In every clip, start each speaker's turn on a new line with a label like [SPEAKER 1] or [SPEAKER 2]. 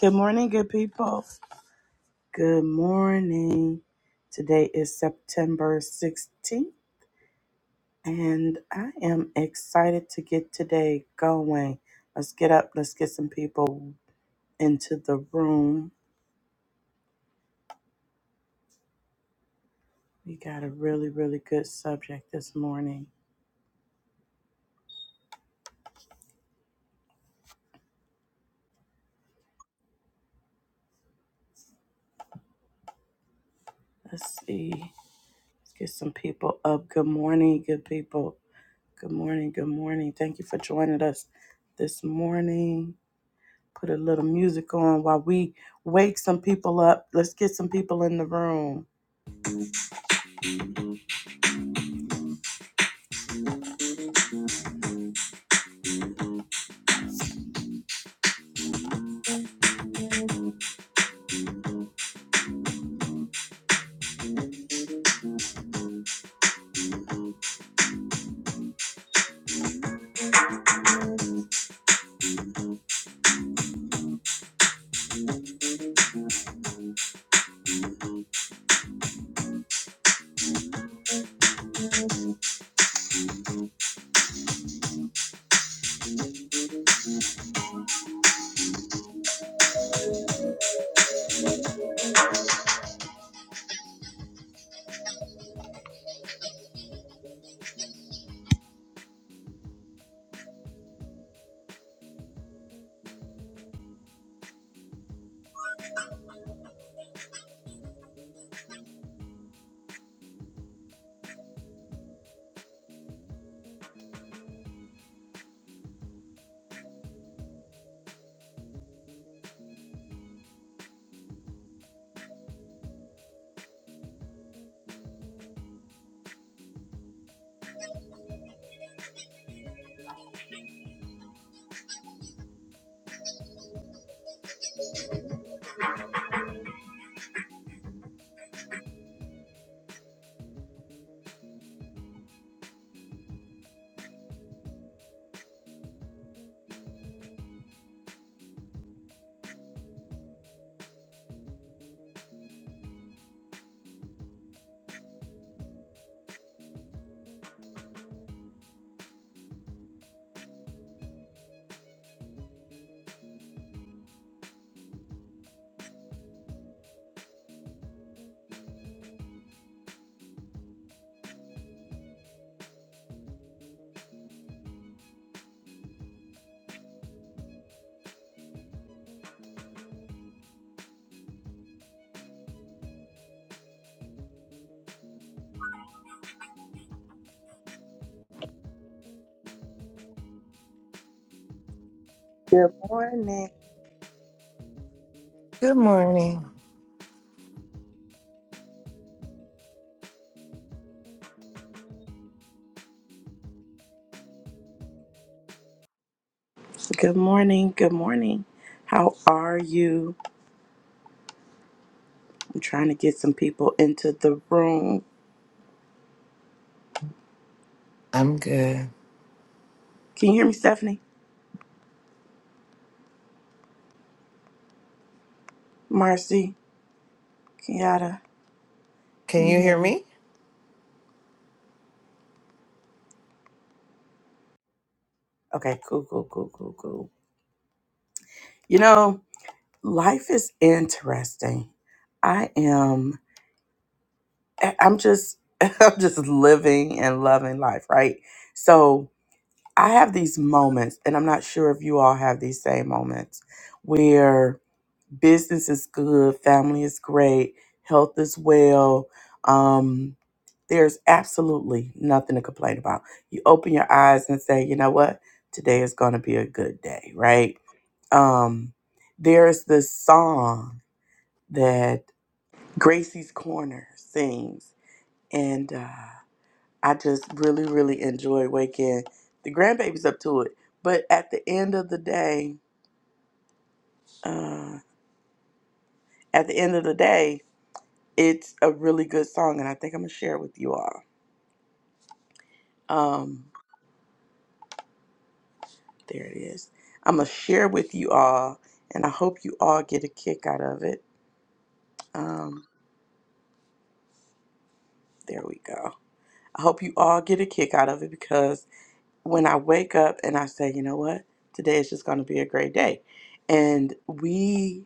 [SPEAKER 1] Good morning, good people. Good morning. Today is September 16th, and I am excited to get today going. Let's get up, let's get some people into the room. We got a really, really good subject this morning. Let's see. Let's get some people up. Good morning, good people. Good morning, good morning. Thank you for joining us this morning. Put a little music on while we wake some people up. Let's get some people in the room. Good morning.
[SPEAKER 2] Good morning.
[SPEAKER 1] Good morning. Good morning. How are you? I'm trying to get some people into the room.
[SPEAKER 2] I'm good.
[SPEAKER 1] Can you hear me, Stephanie? Marcy, Kiata,
[SPEAKER 2] Can
[SPEAKER 1] can you
[SPEAKER 2] you
[SPEAKER 1] hear
[SPEAKER 2] hear
[SPEAKER 1] me?
[SPEAKER 2] me?
[SPEAKER 1] Okay, cool, cool, cool, cool, cool. You know, life is interesting. I am I- I'm just I'm just living and loving life, right? So I have these moments, and I'm not sure if you all have these same moments, where business is good, family is great, health is well. Um, there's absolutely nothing to complain about. You open your eyes and say, you know what? Today is going to be a good day, right? Um, there's this song that Gracie's Corner sings, and. uh, I just really, really enjoy waking the grandbabies up to it. But at the end of the day, uh, at the end of the day, it's a really good song, and I think I'm gonna share it with you all. Um, there it is. I'm gonna share with you all, and I hope you all get a kick out of it. Um, there we go. I hope you all get a kick out of it because when I wake up and I say, you know what, today is just gonna be a great day, and we,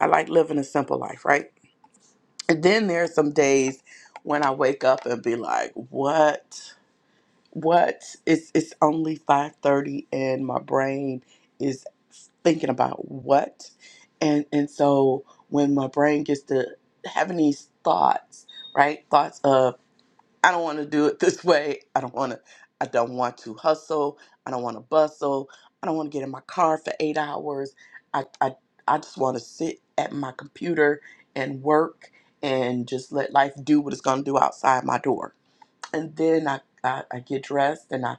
[SPEAKER 1] I like living a simple life, right? And then there are some days when I wake up and be like, "What? What? It's it's only five thirty, and my brain is thinking about what." And and so when my brain gets to having these thoughts, right? Thoughts of I don't want to do it this way. I don't want to. I don't want to hustle. I don't want to bustle. I don't want to get in my car for eight hours. I I I just want to sit at my computer and work and just let life do what it's gonna do outside my door and then I, I, I get dressed and I,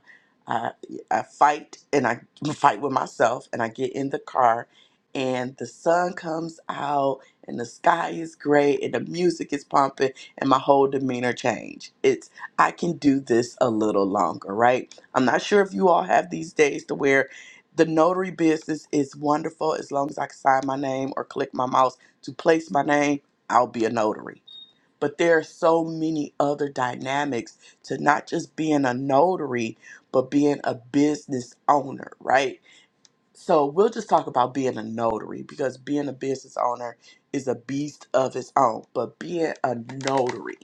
[SPEAKER 1] I I fight and I fight with myself and I get in the car and the sun comes out and the sky is gray and the music is pumping and my whole demeanor change. It's I can do this a little longer, right? I'm not sure if you all have these days to where the notary business is wonderful as long as I can sign my name or click my mouse to place my name, I'll be a notary but there are so many other dynamics to not just being a notary but being a business owner right so we'll just talk about being a notary because being a business owner is a beast of its own but being a notary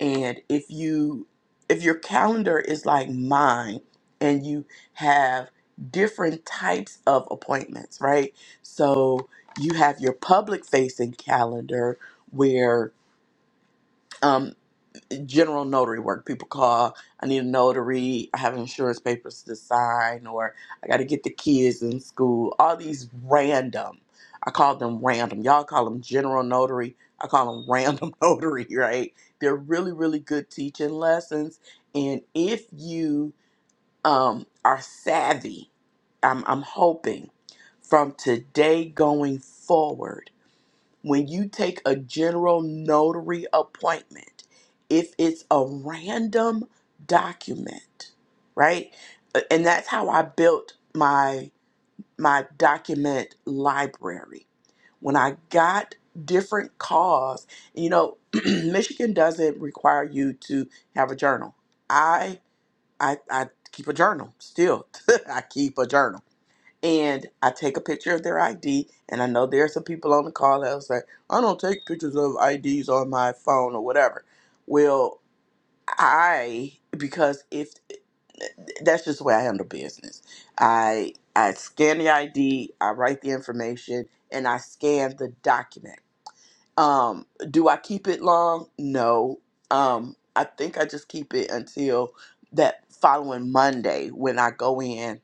[SPEAKER 1] and if you if your calendar is like mine and you have different types of appointments right so you have your public facing calendar where um, general notary work. People call, I need a notary, I have insurance papers to sign, or I got to get the kids in school. All these random, I call them random. Y'all call them general notary. I call them random notary, right? They're really, really good teaching lessons. And if you um, are savvy, I'm, I'm hoping from today going forward, when you take a general notary appointment, if it's a random document, right? And that's how I built my my document library. When I got different calls, you know, Michigan doesn't require you to have a journal. I I I keep a journal still. I keep a journal and I take a picture of their ID. And I know there are some people on the call that will say, I don't take pictures of IDs on my phone or whatever. Well, I, because if that's just the way I handle business, I, I scan the ID, I write the information, and I scan the document. Um, do I keep it long? No. Um, I think I just keep it until that following Monday when I go in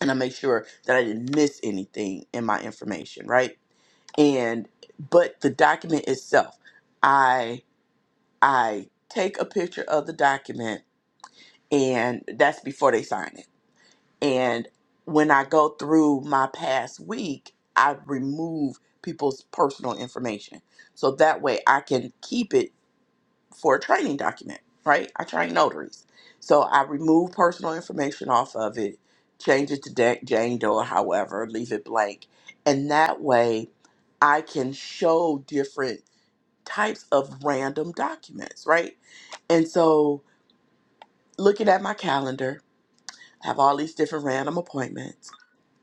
[SPEAKER 1] and I make sure that I didn't miss anything in my information, right? And but the document itself, I I take a picture of the document and that's before they sign it. And when I go through my past week, I remove people's personal information. So that way I can keep it for a training document, right? I train notaries. So I remove personal information off of it, change it to Da- Jane Doe, or however, leave it blank. And that way I can show different types of random documents, right? And so looking at my calendar, I have all these different random appointments,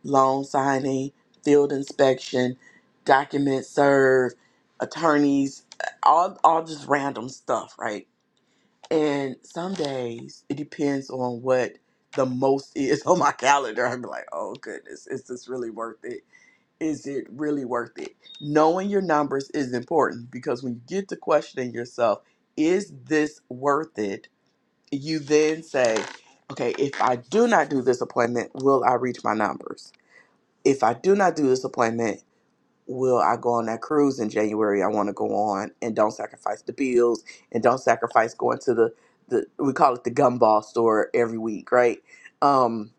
[SPEAKER 1] loan signing, field inspection, document serve, attorneys, all all just random stuff, right? And some days it depends on what the most is on my calendar. I'm like, oh goodness, is this really worth it? Is it really worth it? Knowing your numbers is important because when you get to questioning yourself, is this worth it? You then say, okay, if I do not do this appointment, will I reach my numbers? If I do not do this appointment, will I go on that cruise in January I want to go on and don't sacrifice the bills and don't sacrifice going to the the we call it the gumball store every week, right? Um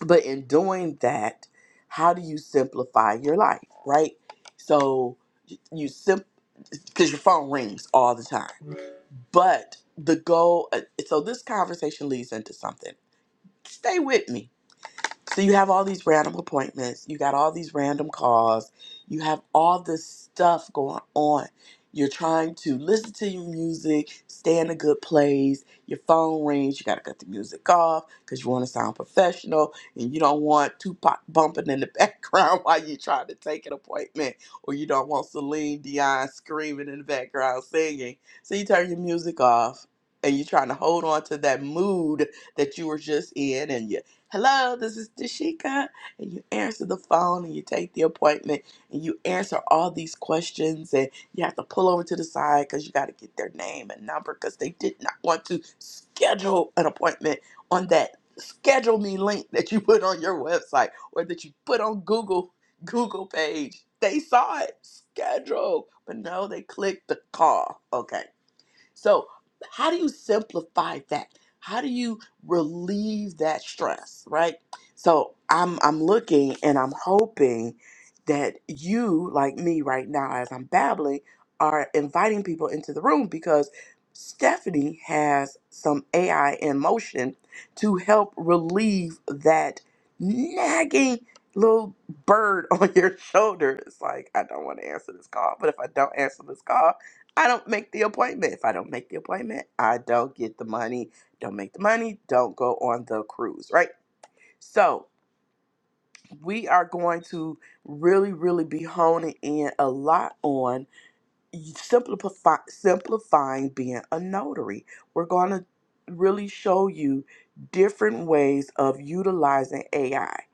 [SPEAKER 1] but in doing that, how do you simplify your life, right? So y- you simp because your phone rings all the time. But the goal uh, so this conversation leads into something. Stay with me so you have all these random appointments, you got all these random calls, you have all this stuff going on. You're trying to listen to your music, stay in a good place, your phone rings, you gotta cut the music off because you wanna sound professional and you don't want Tupac bumping in the background while you're trying to take an appointment, or you don't want Celine Dion screaming in the background singing. So you turn your music off and you're trying to hold on to that mood that you were just in and you Hello, this is Dashika. And you answer the phone and you take the appointment and you answer all these questions and you have to pull over to the side because you got to get their name and number because they did not want to schedule an appointment on that schedule me link that you put on your website or that you put on Google Google page. They saw it schedule, but no, they clicked the call. Okay. So, how do you simplify that? How do you relieve that stress, right? So, I'm I'm looking and I'm hoping that you, like me right now as I'm babbling, are inviting people into the room because Stephanie has some AI in motion to help relieve that nagging little bird on your shoulder. It's like, I don't want to answer this call, but if I don't answer this call, I don't make the appointment. If I don't make the appointment, I don't get the money. Don't make the money. Don't go on the cruise, right? So we are going to really, really be honing in a lot on simplify, simplifying being a notary. We're going to really show you different ways of utilizing AI.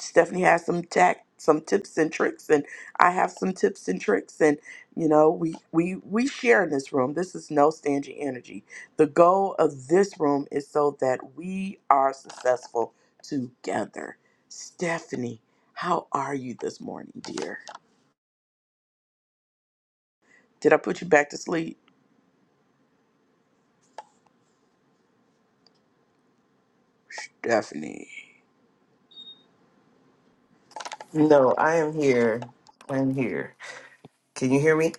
[SPEAKER 1] Stephanie has some tac some tips and tricks, and I have some tips and tricks, and you know we we we share in this room. This is no standing energy. The goal of this room is so that we are successful together. Stephanie, how are you this morning, dear? Did I put you back to sleep, Stephanie?
[SPEAKER 2] No, I am here. I'm here. Can you hear me?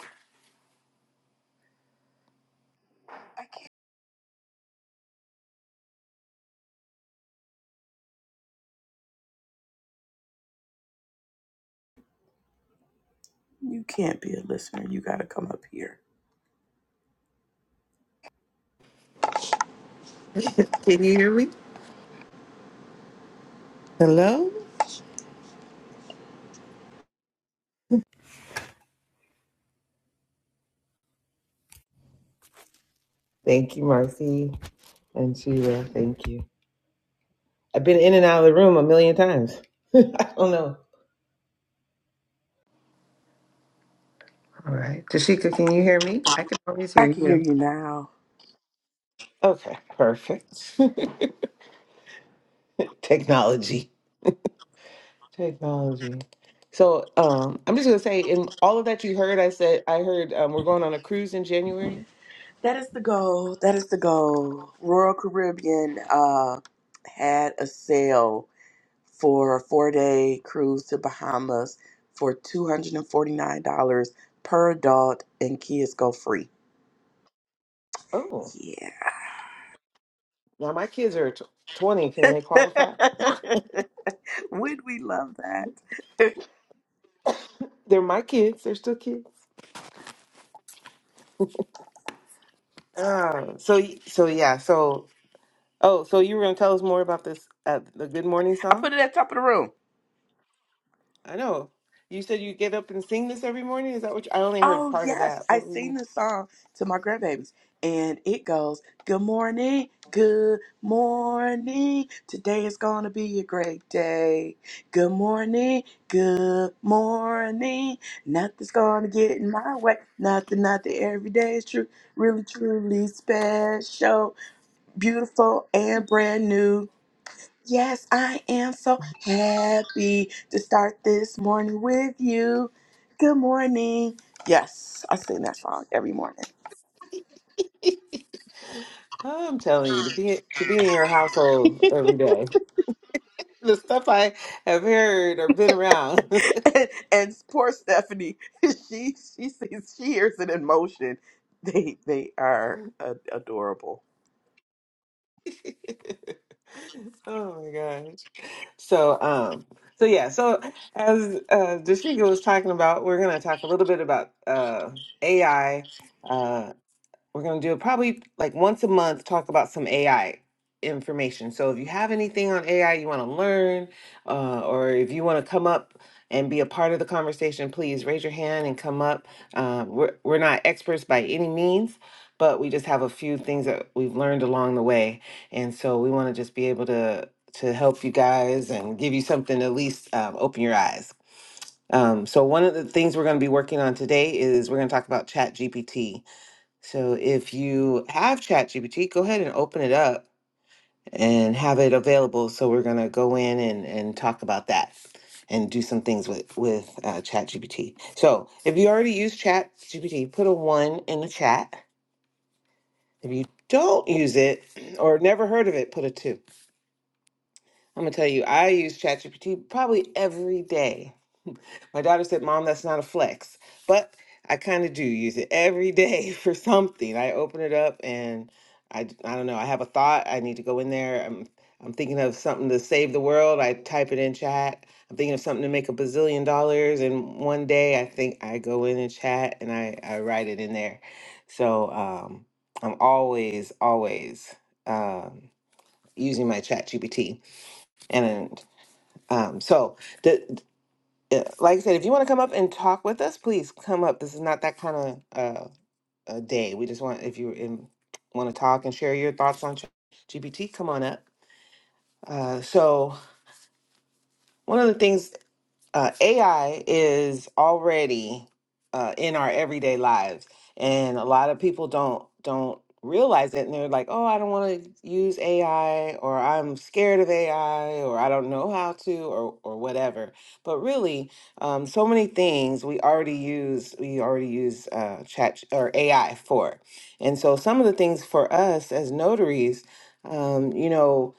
[SPEAKER 1] You can't be a listener. You got to come up here.
[SPEAKER 2] Can you hear me? Hello? Thank you, Marcy and Sheila. Thank you. I've been in and out of the room a million times. I don't know. All right. Tashika, can you hear me? I can always
[SPEAKER 1] I
[SPEAKER 2] hear
[SPEAKER 1] can hear
[SPEAKER 2] you.
[SPEAKER 1] you now.
[SPEAKER 2] Okay, perfect. Technology. Technology. So um, I'm just gonna say, in all of that you heard, I said I heard um, we're going on a cruise in January.
[SPEAKER 1] That is the goal. That is the goal. Royal Caribbean uh, had a sale for a four day cruise to Bahamas for $249 per adult, and kids go free.
[SPEAKER 2] Oh.
[SPEAKER 1] Yeah.
[SPEAKER 2] Now my kids are tw- twenty. Can they qualify?
[SPEAKER 1] Would we love that?
[SPEAKER 2] They're my kids. They're still kids. Ah, so y- so yeah. So oh, so you were gonna tell us more about this uh, the Good Morning
[SPEAKER 1] I put
[SPEAKER 2] song?
[SPEAKER 1] it at top of the room.
[SPEAKER 2] I know. You said you get up and sing this every morning. Is that what you, I only heard
[SPEAKER 1] Oh
[SPEAKER 2] part of
[SPEAKER 1] yes,
[SPEAKER 2] that?
[SPEAKER 1] I
[SPEAKER 2] What were
[SPEAKER 1] sing
[SPEAKER 2] you?
[SPEAKER 1] this song to my grandbabies, and it goes, "Good morning, good morning. Today is gonna be a great day. Good morning, good morning. Nothing's gonna get in my way. Nothing, nothing. Every day is true, really, truly special, beautiful, and brand new. Yes, I am so happy to start this morning with you. Good morning. Yes, I sing that song every morning.
[SPEAKER 2] I'm telling you to be to be in your household every day. The stuff I have heard or been around.
[SPEAKER 1] And, and poor Stephanie, she she sees she hears it in motion. They they are a- adorable.
[SPEAKER 2] oh my gosh. So, um, so yeah, so as uh Dashika was talking about, we're gonna talk a little bit about uh AI. We're going to do it probably like once a month, talk about some AI information. So if you have anything on AI you want to learn, uh, or if you want to come up and be a part of the conversation, please raise your hand and come up. Uh, we're, we're not experts by any means, but we just have a few things that we've learned along the way. And so we want to just be able to to help you guys and give you something to at least um, open your eyes. Um, so one of the things we're going to be working on today is we're going to talk about Chat GPT so if you have ChatGPT, go ahead and open it up and have it available. So we're gonna go in and, and talk about that and do some things with with uh, ChatGPT. So if you already use ChatGPT, put a one in the chat. If you don't use it or never heard of it, put a two. I'm gonna tell you, I use ChatGPT probably every day. My daughter said, Mom, that's not a flex. But I kind of do use it every day for something. I open it up and I, d- I don't know, I have a thought. I need to go in there. I'm, I'm thinking of something to save the world. I type it in chat. I'm thinking of something to make a bazillion dollars. in one day I think I go in and chat and I, I write it in there. So um, I'm always, always um, using my chat GPT. And um, so, yeah, like I said, if you want to come up and talk with us, please come up. This is not that kind of uh, a day. We just want if you in, want to talk and share your thoughts on GPT, come on up. Uh, so one of the things uh, AI is already uh, in our everyday lives, and a lot of people don't don't realize it, and they're like, "Oh, I don't want to use AI," or "I'm scared of AI," or "I don't know how to," or or whatever. But really, um, so many things we already use we already use uh, chat or AI for, and so some of the things for us as notaries, um, you know.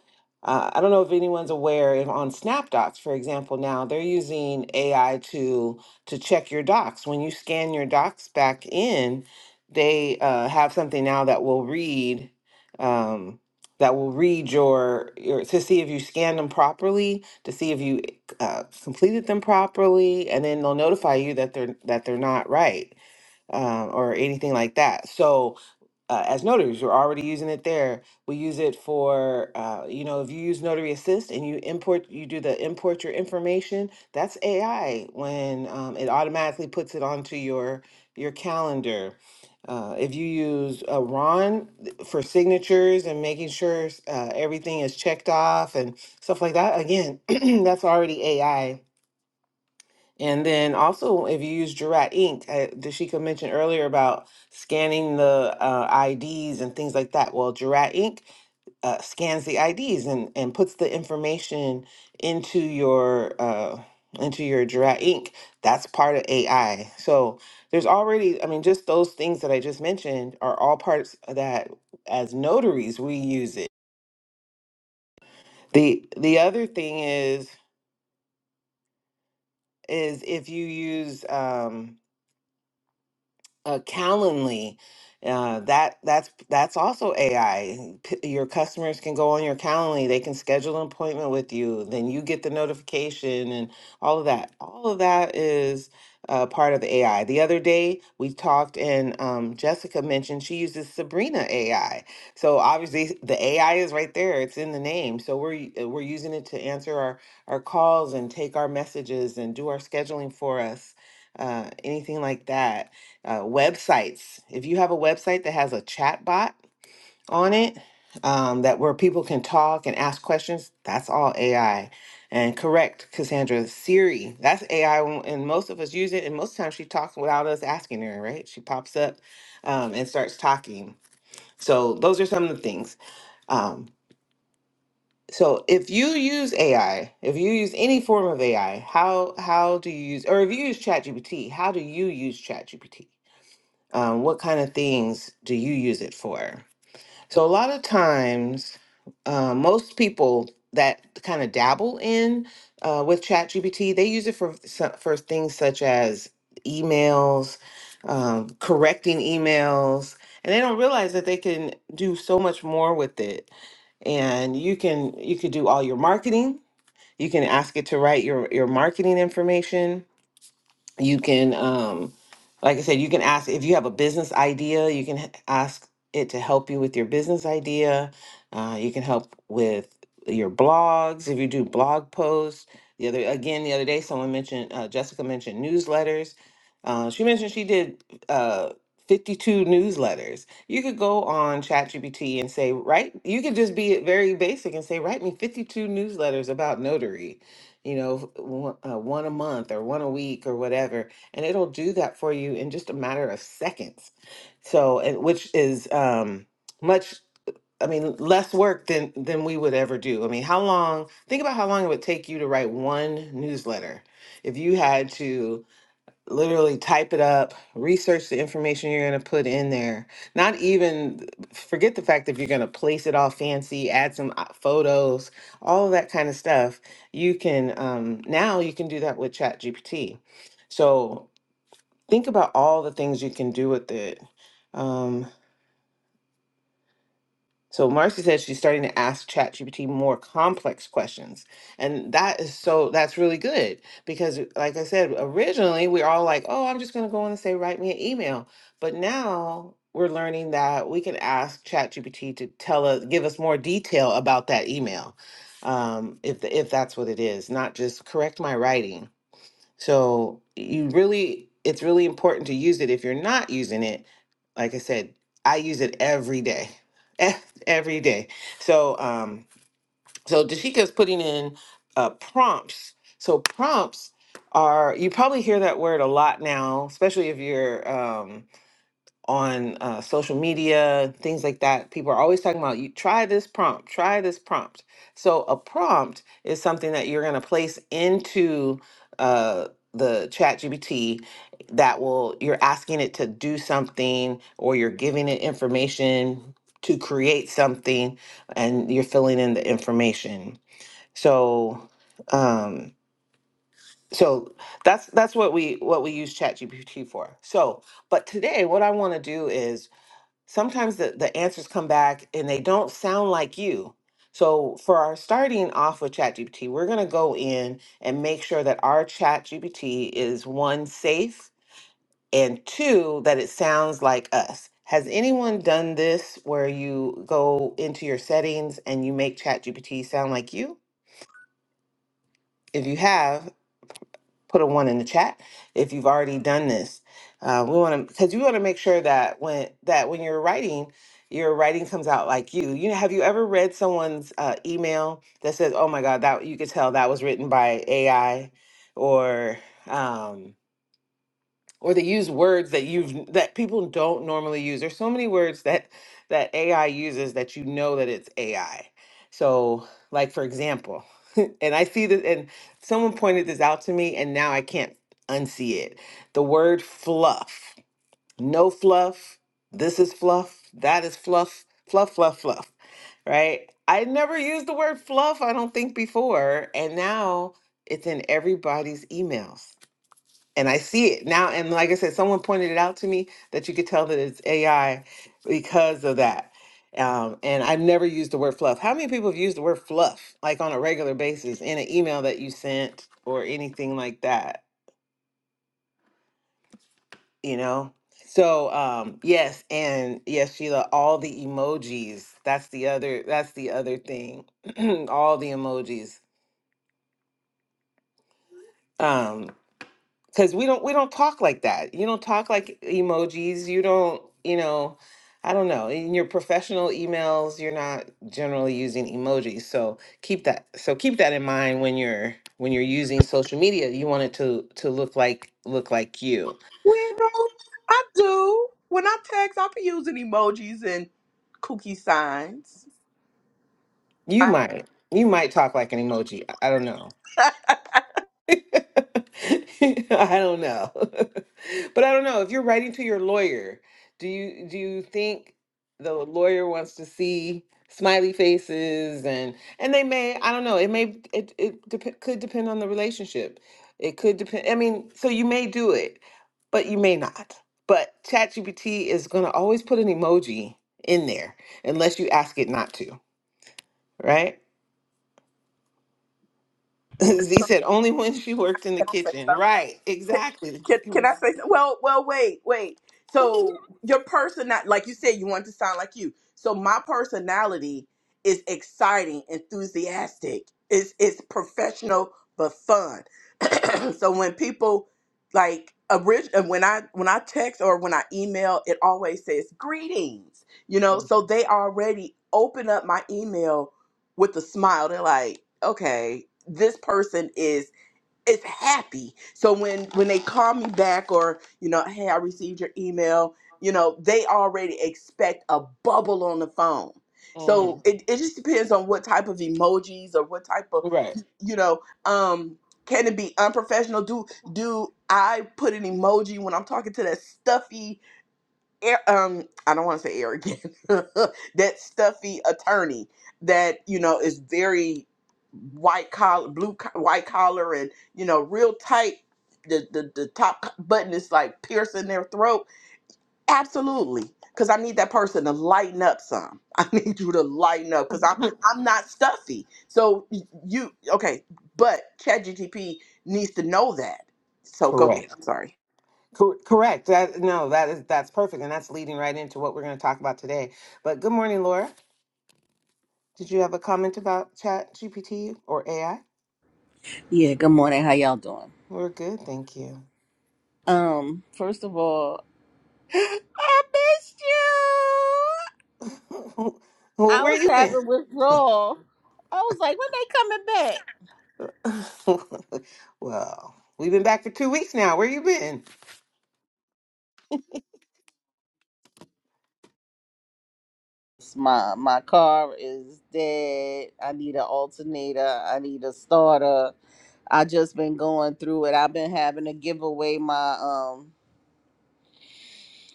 [SPEAKER 2] Uh, I don't know if anyone's aware if on SnapDocs, for example, now they're using AI to to check your docs. When you scan your docs back in, they uh, have something now that will read um, that will read your, your to see if you scanned them properly, to see if you uh, completed them properly, and then they'll notify you that they're that they're not right uh, or anything like that. So uh, as notaries, we're already using it there. We use it for, uh, you know, if you use Notary Assist and you import, you do the import your information. That's AI when um, it automatically puts it onto your your calendar. Uh, if you use uh, Ron th- for signatures and making sure uh, everything is checked off and stuff like that, again, that's already AI and then also, if you use Jurat Inc., uh, Dashika mentioned earlier about scanning the uh, IDs and things like that. Well, Jurat Inc. Uh, scans the IDs and, and puts the information into your uh, into your Jurat Inc. That's part of AI. So there's already, I mean, just those things that I just mentioned are all parts that as notaries we use it. the The other thing is is if you use um, uh, Calendly. Uh, that that's that's also AI. Your customers can go on your Calendly. They can schedule an appointment with you. Then you get the notification and all of that. All of that is uh, part of the AI. The other day we talked and um, Jessica mentioned she uses Sabrina AI. So obviously the AI is right there. It's in the name. So we're y- uh, we're using it to answer our our calls and take our messages and do our scheduling for us. Uh, anything like that uh, websites. If you have a website that has a chat bot on it, um, that where people can talk and ask questions, that's all AI. And correct, Cassandra, Siri, that's AI, when- and most of us use it. And most times she talks without us asking her, right? She pops up um, and starts talking. So those are some of the things. Um, so if you use AI, if you use any form of AI, how how do you use, or if you use ChatGPT, how do you use ChatGPT? Um, what kind of things do you use it for? So, a lot of times, uh, most people that kind of dabble in uh, with ChatGPT, they use it for so- for things such as emails, um, correcting emails, and they don't realize that they can do so much more with it. And you can you could do all your marketing. You can ask it to write your your marketing information you can um like i said you can ask if you have a business idea you can h- ask it to help you with your business idea uh, you can help with your blogs if you do blog posts the other again the other day someone mentioned uh, jessica mentioned newsletters uh, she mentioned she did uh, 52 newsletters you could go on chatgpt and say write you could just be very basic and say write me 52 newsletters about notary you know, one, uh, one a month or one a week or whatever, and it'll do that for you in just a matter of seconds. So, and which is um, much, I mean, less work than than we would ever do. I mean, how long? Think about how long it would take you to write one newsletter if you had to literally type it up, research the information you're going to put in there. Not even forget the fact that if you're going to place it all fancy, add some uh, photos, all of that kind of stuff. You can um, now you can do that with Chat GPT. So think about all the things you can do with it. Um, so Marcy says she's starting to ask ChatGPT more complex questions. And that is so that's really good because like I said, originally we are all like, "Oh, I'm just going to go on and say write me an email." But now we're learning that we can ask ChatGPT to tell us give us more detail about that email. Um if if that's what it is, not just correct my writing so you really, it's really important to use it. If you're not using it, like I said, I use it every day, every day. So, um, so Dashika's putting in uh, prompts. So prompts are you probably hear that word a lot now, especially if you're um, on uh, social media, things like that. People are always talking about you try this prompt, try this prompt. So a prompt is something that you're going to place into uh, the chat GPT that will you're asking it to do something or you're giving it information to create something and you're filling in the information. So um so that's that's what we what we use chat GPT for. So but today, what I want to do is sometimes the, the answers come back and they don't sound like you. So for our starting off with ChatGPT, we're going to go in and make sure that our ChatGPT is one safe and two that it sounds like us. Has anyone done this where you go into your settings and you make ChatGPT sound like you? If you have, put a one in the chat if you've already done this. Uh, we want to because you want to make sure that when that when you're writing, your writing comes out like you. You know, have you ever read someone's uh, email that says, "Oh my God, that you could tell that was written by AI," or um, or they use words that you've that people don't normally use. There's so many words that that AI uses that you know that it's AI. So, like for example, and I see this, and someone pointed this out to me, and now I can't unsee it. The word fluff, no fluff. This is fluff. That is fluff. Fluff, fluff, fluff. Right? I never used the word fluff. I don't think before, and now it's in everybody's emails and I see it now. And like I said, someone pointed it out to me that you could tell that it's AI because of that. Um, and I've never used the word fluff. How many people have used the word fluff like on a regular basis in an email that you sent or anything like that? You know. So um, yes, and yes, Sheila, all the emojis. That's the other. That's the other thing. all the emojis. um, because we don't we don't talk like that you don't talk like emojis you don't you know i don't know in your professional emails you're not generally using emojis so keep that so keep that in mind when you're when you're using social media you want it to to look like look like you
[SPEAKER 1] Well, I do. When I text, I'll be using emojis and kooky signs.
[SPEAKER 2] you
[SPEAKER 1] I,
[SPEAKER 2] might you might talk like an emoji i I don't know I don't know. But I don't know, if you're writing to your lawyer, do you do you think the lawyer wants to see smiley faces and and they may, I don't know, it may it it dep could depend on the relationship. It could depend, I mean, so you may do it, but you may not. But ChatGPT is going to always put an emoji in there unless you ask it not to, right? Z said only when she worked in the
[SPEAKER 1] can I say something?
[SPEAKER 2] kitchen. Right,
[SPEAKER 1] can,
[SPEAKER 2] exactly.
[SPEAKER 1] can, can I say? some- Well, well, wait, wait. So your person, like you said, you want to sound like you. So my personality is exciting, enthusiastic. It's it's professional but fun. so when people like orig- uh, when I when I text or when I email, it always says greetings. You know, so they already open up my email with a smile. They're like, okay, this person is it's happy. So when when they call me back or you know, hey, I received your email, you know, they already expect a bubble on the phone. So
[SPEAKER 2] Mm,
[SPEAKER 1] Mm. it, it just depends on what type of emojis or what type of
[SPEAKER 2] Right.
[SPEAKER 1] you know, um, can it be unprofessional? Do do I put an emoji when I'm talking to that stuffy air, um I don't want to say arrogant that stuffy attorney that you know is very white collar blue co- white collar and you know real tight the the, the top co- button is like piercing their throat absolutely because I need that person to lighten up some I need you to lighten up because I'm I'm not stuffy so y- you okay but ChatGTP needs to know that so go
[SPEAKER 2] Correct.
[SPEAKER 1] ahead I'm sorry
[SPEAKER 2] Cor- correct. That no, that is that's perfect, and that's leading right into what we're going to talk about today. But good morning, Laura. Did you have a comment about Chat GPT or AI?
[SPEAKER 3] Yeah, good morning. How y'all doing?
[SPEAKER 2] We're good, thank you.
[SPEAKER 3] Um, first of all, I missed you.
[SPEAKER 2] well,
[SPEAKER 3] I
[SPEAKER 2] where
[SPEAKER 3] was
[SPEAKER 2] you been?
[SPEAKER 3] having withdrawal. I was like, when they coming back?
[SPEAKER 2] well, we've been back for two weeks now. Where you been?
[SPEAKER 3] It's My my car is dead. I need an alternator. I need a starter. I just been going through it. I've been having to give away my um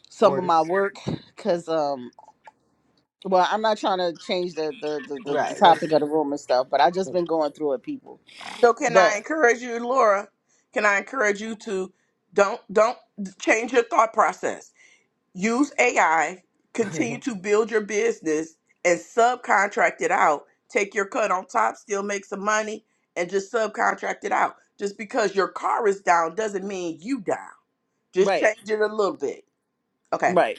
[SPEAKER 3] some of my
[SPEAKER 2] Orders.
[SPEAKER 3] work because um well I'm not trying to change the the, the the the
[SPEAKER 2] Right.
[SPEAKER 3] topic
[SPEAKER 2] Let's.
[SPEAKER 3] of the room and stuff, but I just been going through it, people.
[SPEAKER 1] So can I
[SPEAKER 3] But
[SPEAKER 1] encourage you, Laura? Can I encourage you to don't don't change your thought process. Use AI, continue to build your business and subcontract it out. Take your cut on top, still make some money and just subcontract it out. Just because your car is down doesn't mean you down. Just
[SPEAKER 3] right,
[SPEAKER 1] change it a little bit. Okay.
[SPEAKER 3] right.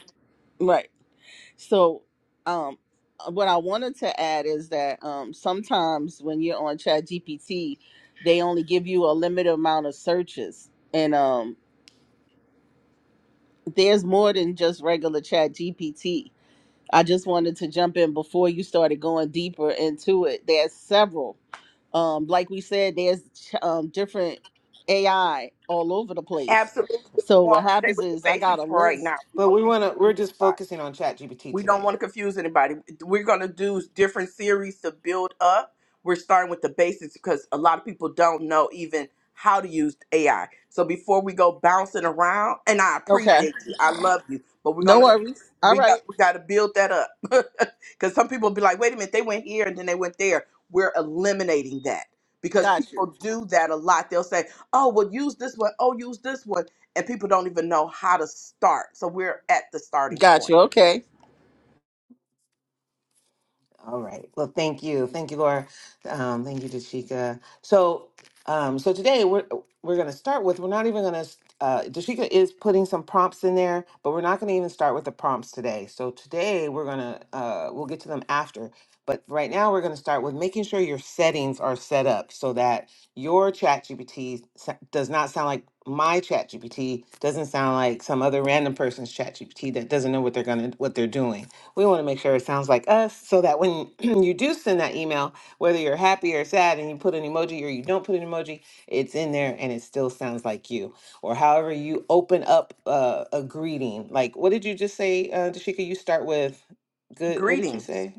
[SPEAKER 3] Right. So, um, uh, what I wanted to add is that um, sometimes when you're on Chat GPT, they only give you a limited amount of searches, and um, there's more than just regular Chat GPT. I just wanted to jump in before you started going deeper into it. There's several. Um, like we said, there's ch- um, different AI all over the place.
[SPEAKER 1] Absolutely. We
[SPEAKER 3] So what
[SPEAKER 1] want to stay
[SPEAKER 3] happens
[SPEAKER 1] with the
[SPEAKER 3] is I got a
[SPEAKER 1] basics for right now.
[SPEAKER 3] list.
[SPEAKER 1] We
[SPEAKER 2] but
[SPEAKER 1] don't
[SPEAKER 2] we
[SPEAKER 1] want
[SPEAKER 2] want to.
[SPEAKER 1] to
[SPEAKER 2] We're
[SPEAKER 1] confuse
[SPEAKER 2] just
[SPEAKER 1] anybody.
[SPEAKER 2] focusing on Chat GPT
[SPEAKER 1] We don't
[SPEAKER 2] today
[SPEAKER 1] want to confuse anybody. We're going to do different series to build up. We're starting with the basics because a lot of people don't know even how to use AI. So before we go bouncing around, and I
[SPEAKER 3] Okay.
[SPEAKER 1] appreciate you, I love you, but we're
[SPEAKER 3] No
[SPEAKER 1] gonna
[SPEAKER 3] worries. All
[SPEAKER 1] we got
[SPEAKER 3] right.
[SPEAKER 1] we got to build that up because some people be like, wait a minute, they went here and then they went there. We're eliminating that because
[SPEAKER 3] Got you.
[SPEAKER 1] people do that a lot. They'll say, oh, well, use this one, oh, use this one, and people don't even know how to start. So we're at the starting
[SPEAKER 3] Got
[SPEAKER 1] point.
[SPEAKER 3] you. Okay.
[SPEAKER 2] All right. Well, thank you. Thank you, Laura. Um, thank you, Dashika. So, um, so today we're we're going to start with. We're not even going to. Uh, Dashika is putting some prompts in there, but we're not going to even start with the prompts today. So today we're gonna uh, we'll get to them after. But right now we're going to start with making sure your settings are set up so that your Chat GPT does not sound like my Chat GPT doesn't sound like some other random person's Chat GPT that doesn't know what they're gonna what they're doing. We want to make sure it sounds like us so that when you do send that email, whether you're happy or sad and you put an emoji or you don't put an emoji, it's in there and it still sounds like you. Or however you open up uh, a greeting. Like, what did you just say, uh, Dashika? You start with good. What did you
[SPEAKER 1] Greetings.
[SPEAKER 2] say?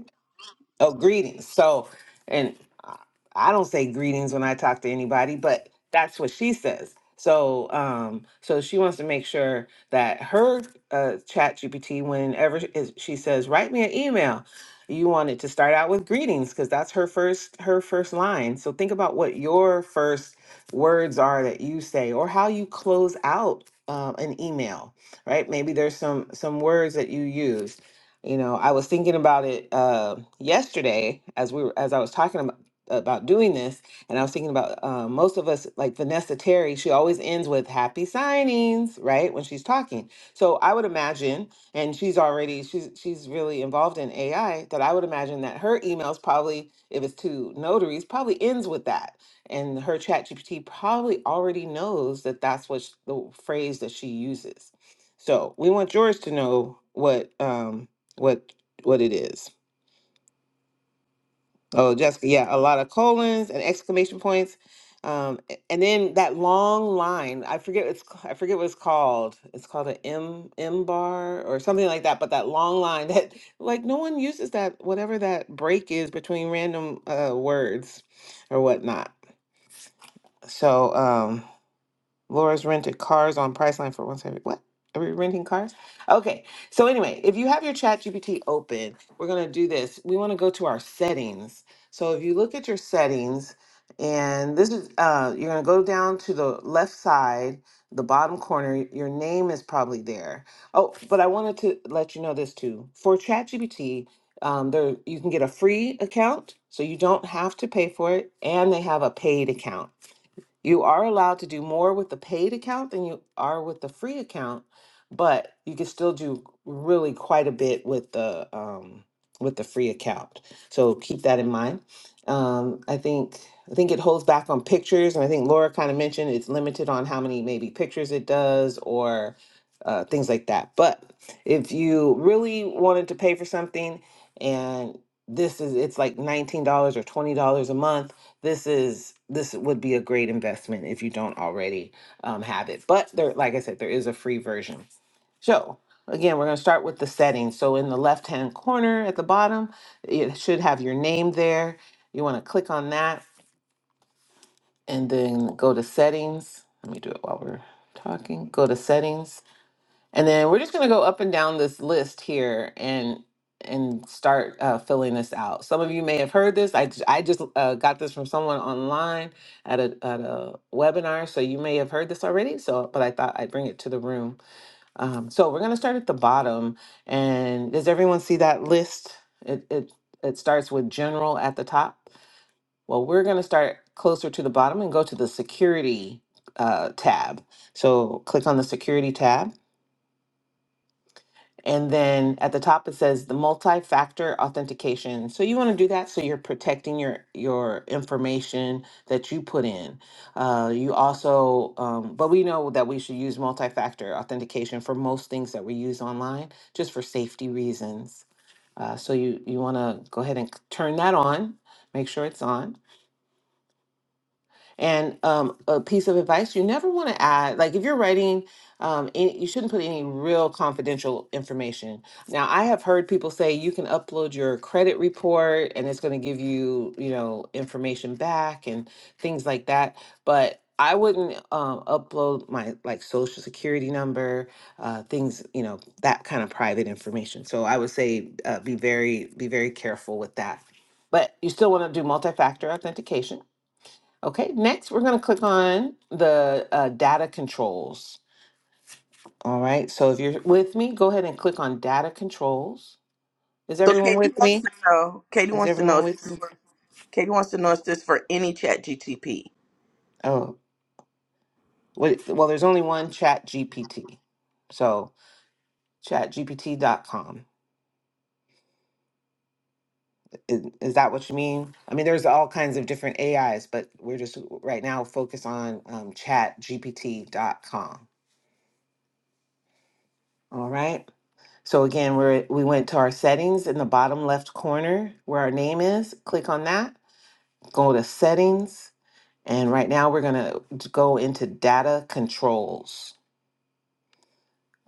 [SPEAKER 2] Oh, greetings. So, and I I don't say greetings when I talk to anybody, but that's what she says. So, um, so she wants to make sure that her uh, chat GPT, whenever sh- is- she says, write me an email, you want it to start out with greetings because that's her first her first line. So think about what your first words are that you say or how you close out uh, an email, right? Maybe there's some some words that you use you know, I was thinking about it uh, yesterday as we were, as I was talking about about doing this, and I was thinking about uh, most of us, like Vanessa Terry, she always ends with "Happy signings," right when she's talking. So I would imagine, and she's already she's she's really involved in AI, that I would imagine that her emails probably, if it's to notaries, probably ends with that, and her Chat GPT probably already knows that that's what sh- the phrase that she uses. So we want George to know what. um, what what it is. Oh, Jessica, yeah, a lot of colons and exclamation points, um, a- and then that long line. I forget it's I forget what it's called. It's called an M M bar or something like that. But that long line that like no one uses that whatever that break is between random uh, words or whatnot. So. um, Laura's rented cars on Priceline for one seventy. What? Are we renting cars? Okay. So anyway, if you have your Chat GPT open, we're gonna do this. We want to go to our settings. So if you look at your settings, and this is uh, you're gonna go down to the left side, the bottom corner. Your name is probably there. Oh, but I wanted to let you know this too. For Chat GPT, um, there you can get a free account, so you don't have to pay for it, and they have a paid account. You are allowed to do more with the paid account than you are with the free account, but you can still do really quite a bit with the um, with the free account. So keep that in mind. Um, I think I think it holds back on pictures, and I think Laura kind of mentioned it's limited on how many maybe pictures it does or uh, things like that. But if you really wanted to pay for something and this is it's like $19 or $20 a month this is this would be a great investment if you don't already um, have it but there like i said there is a free version so again we're going to start with the settings so in the left hand corner at the bottom it should have your name there you want to click on that and then go to settings let me do it while we're talking go to settings and then we're just going to go up and down this list here and and start uh, filling this out. Some of you may have heard this. I, j- I just uh, got this from someone online at a, at a webinar, so you may have heard this already. So, but I thought I'd bring it to the room. Um, so we're going to start at the bottom. And does everyone see that list? It it it starts with general at the top. Well, we're going to start closer to the bottom and go to the security uh, tab. So click on the security tab and then at the top it says the multi-factor authentication. So you want to do that so you're protecting your your information that you put in. Uh, you also, um, but we know that we should use multi-factor authentication for most things that we use online, just for safety reasons. Uh, so you you want to go ahead and c- turn that on. Make sure it's on. And um, a piece of advice you never want to add, like if you're writing, um, any, you shouldn't put any real confidential information. Now, I have heard people say you can upload your credit report and it's going to give you, you know, information back and things like that. But I wouldn't um, upload my like social security number, uh, things, you know, that kind of private information. So I would say uh, be very, be very careful with that. But you still want to do multi factor authentication Okay, next we're going to click on the uh, data controls. All right, so if you're with me, go ahead and click on data controls. Is
[SPEAKER 1] So
[SPEAKER 2] everyone with
[SPEAKER 1] Katie wants
[SPEAKER 2] me?
[SPEAKER 1] to know. Katie
[SPEAKER 2] Is
[SPEAKER 1] wants to know.
[SPEAKER 2] everyone
[SPEAKER 1] If
[SPEAKER 2] with
[SPEAKER 1] this
[SPEAKER 2] me?
[SPEAKER 1] for, Katie wants to know if this for any Chat GTP.
[SPEAKER 2] Oh, wait, well, there's only one chat GPT. So chatgpt.com. Is, is that what you mean? I mean, there's all kinds of different AIs, but we're just right now focused on um, chatgpt.com. All right. So again, we're, we went to our settings in the bottom left corner where our name is. Click on that, go to settings, and right now we're gonna go into data controls.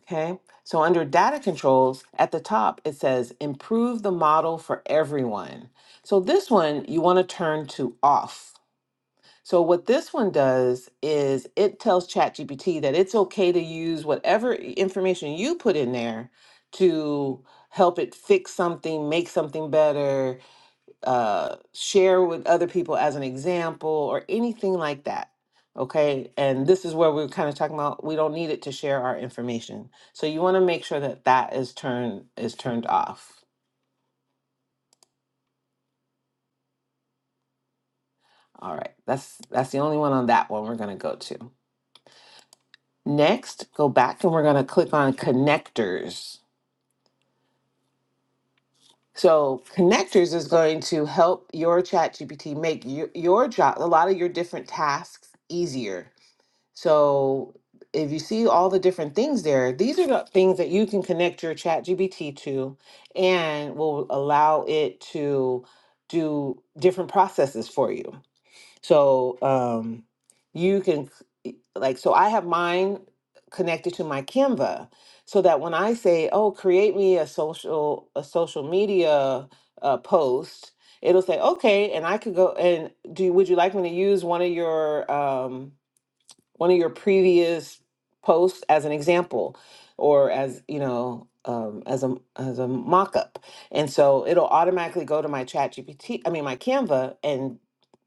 [SPEAKER 2] Okay, so under data controls at the top, it says improve the model for everyone. So this one you wanna turn to off. So what this one does is it tells ChatGPT that it's okay to use whatever information you put in there to help it fix something, make something better, uh, share with other people as an example, or anything like that. Okay, and this is where we're kind of talking about we don't need it to share our information. So you want to make sure that that is turned is turned off. All right, that's that's the only one on that one we're gonna go to. Next, go back and we're going to click on connectors. So, connectors is going to help your chat GPT make your, your job, a lot of your different tasks easier. So, if you see all the different things there, these are the things that you can connect your chat GPT to and will allow it to do different processes for you. So, um, you can like so I have mine connected to my Canva so that when I say, "Oh, create me a social a social media uh, post," it'll say, "Okay," and I could go and do. Would you like me to use one of your um, one of your previous posts as an example or as you know um, as a as a mock-up and so it'll automatically go to my chat gpt i mean my canva and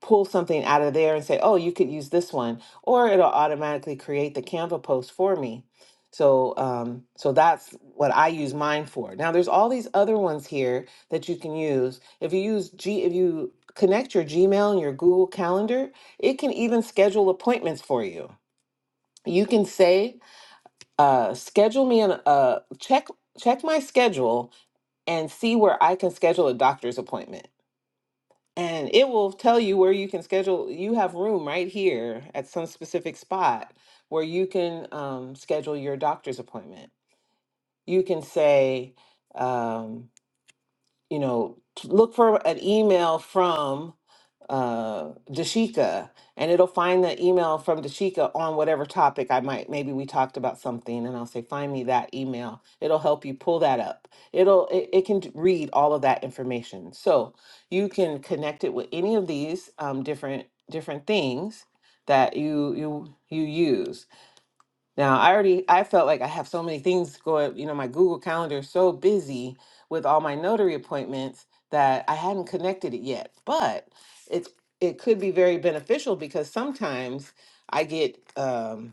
[SPEAKER 2] pull something out of there and say oh you could use this one or it'll automatically create the canva post for me so um, so that's what i use mine for now there's all these other ones here that you can use if you use g if you connect your gmail and your google calendar it can even schedule appointments for you you can say uh schedule me an uh check check my schedule and see where i can schedule a doctor's appointment and it will tell you where you can schedule you have room right here at some specific spot where you can um, schedule your doctor's appointment you can say um, you know t- look for an email from uh, Dashika, and it'll find the email from Dashika on whatever topic I might. Maybe we talked about something, and I'll say, "Find me that email." It'll help you pull that up. It'll it, it can d- read all of that information, so you can connect it with any of these um, different different things that you you you use. Now, I already I felt like I have so many things going, you know, my Google Calendar is so busy with all my notary appointments that I hadn't connected it yet. But it's it could be very beneficial because sometimes I get um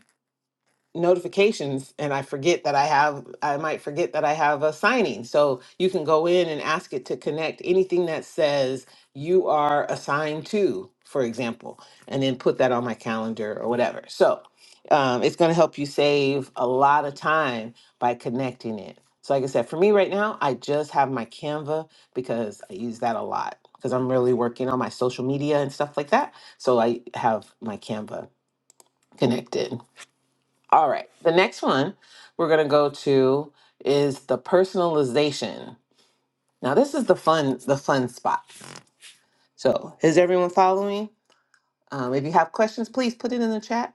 [SPEAKER 2] notifications and I forget that I have I might forget that I have a signing. So you can go in and ask it to connect anything that says you are assigned to, for example, and then put that on my calendar or whatever. So um, it's going to help you save a lot of time by connecting it. So like I said, for me right now, I just have my Canva because I use that a lot because I'm really working on my social media and stuff like that. So I have my Canva connected. All right. The next one we're going to go to is the personalization. Now, this is the fun, the fun spot. So, is everyone following? Um, if you have questions, please put it in the chat.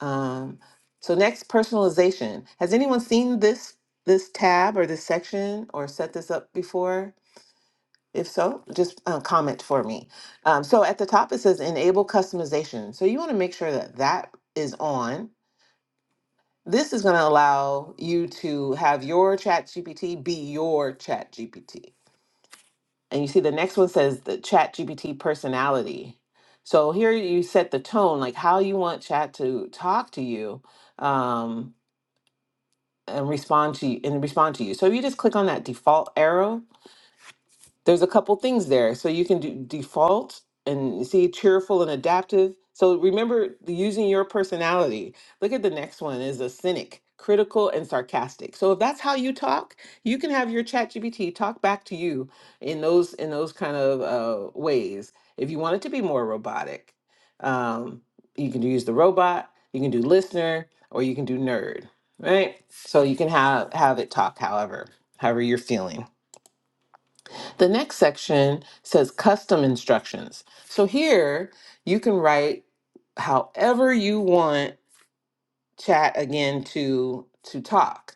[SPEAKER 2] Um, so, next, personalization. Has anyone seen this this tab or this section or set this up before? If so, just uh, comment for me. Um, so, at the top it says enable customization. So, you want to make sure that that is on This is going to allow you to have your chat GPT be your chat GPT. And you see, the next one says the chat GPT personality. So here you set the tone, like how you want chat to talk to you um, and respond to you and respond to you. So if you just click on that default arrow there's a couple things there. So you can do default and see cheerful and adaptive. So remember the- using your personality. Look at the next one is a cynic, critical and sarcastic. So if that's how you talk, you can have your chat GBT talk back to you in those in those kind of uh, ways. If you want it to be more robotic, um, you can use the robot, you can do listener, or you can do nerd, right? So you can have have it talk however, however you're feeling. The next section says custom instructions. So here you can write however you want chat again to to talk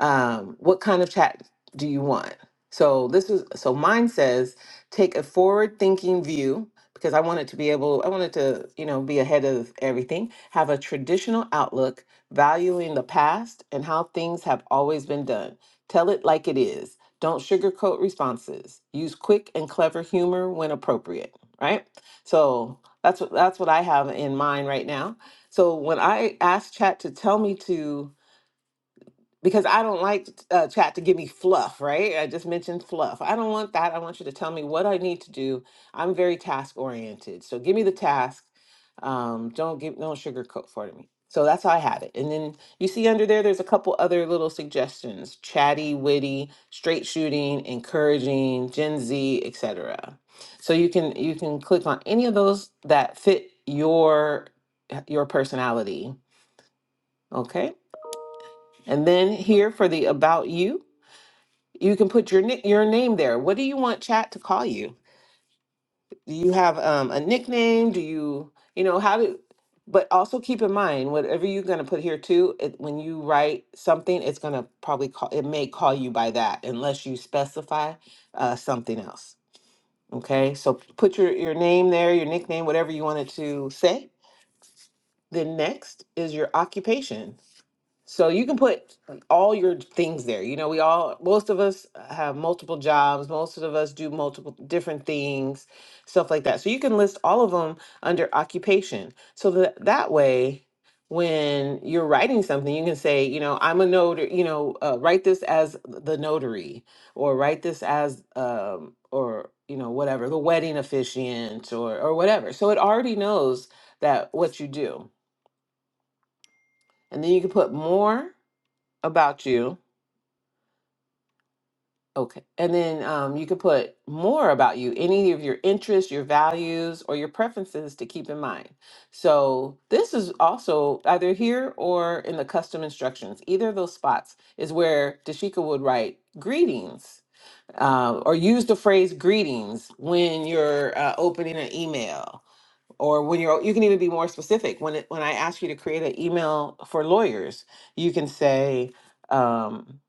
[SPEAKER 2] um, what kind of chat do you want? So this is so mine says take a forward thinking view because I wanted to be able I wanted to, you know, be ahead of everything, have a traditional outlook, valuing the past and how things have always been done. Tell it like it is. Don't sugarcoat responses. Use quick and clever humor when appropriate, right? So that's what that's what I have in mind right now. So when I asked chat to tell me to because I don't like uh, chat to give me fluff, right? I just mentioned fluff. I don't want that. I want you to tell me what I need to do. I'm very task oriented, so give me the task. Um, don't give don't sugarcoat for me. So that's how I have it. And then you see under there, there's a couple other little suggestions: chatty, witty, straight shooting, encouraging, Gen Z, etc. So you can you can click on any of those that fit your your personality. Okay. And then here for the about you. You can put your nick your name there. What do you want chat to call you? Do you have um, a nickname? Do you you know how do? But also keep in mind, whatever you're gonna put here too, it, when you write something, it's gonna probably call it may call you by that unless you specify uh, something else. Okay, so put your your name there, your nickname, whatever you want it to say. Then next is your occupation. So you can put like, all your things there. You know, we all, most of us have multiple jobs, most of us do multiple different things, stuff like that. So you can list all of them under occupation. So that that way, when you're writing something, you can say, you know, I'm a notary, you know, uh, write this as the notary or write this as, um, or, you know, whatever, the wedding officiant or, or whatever. So it already knows that what you do. And then you can put more about you Okay. And then um, you could put more about you, any of your interests, your values, or your preferences to keep in mind. So this is also either here or in the custom instructions. Either of those spots is where Dashika would write greetings uh, or use the phrase greetings when you're uh, opening an email. Or when you're, you can even be more specific. When it, when I ask you to create an email for lawyers, you can say, um,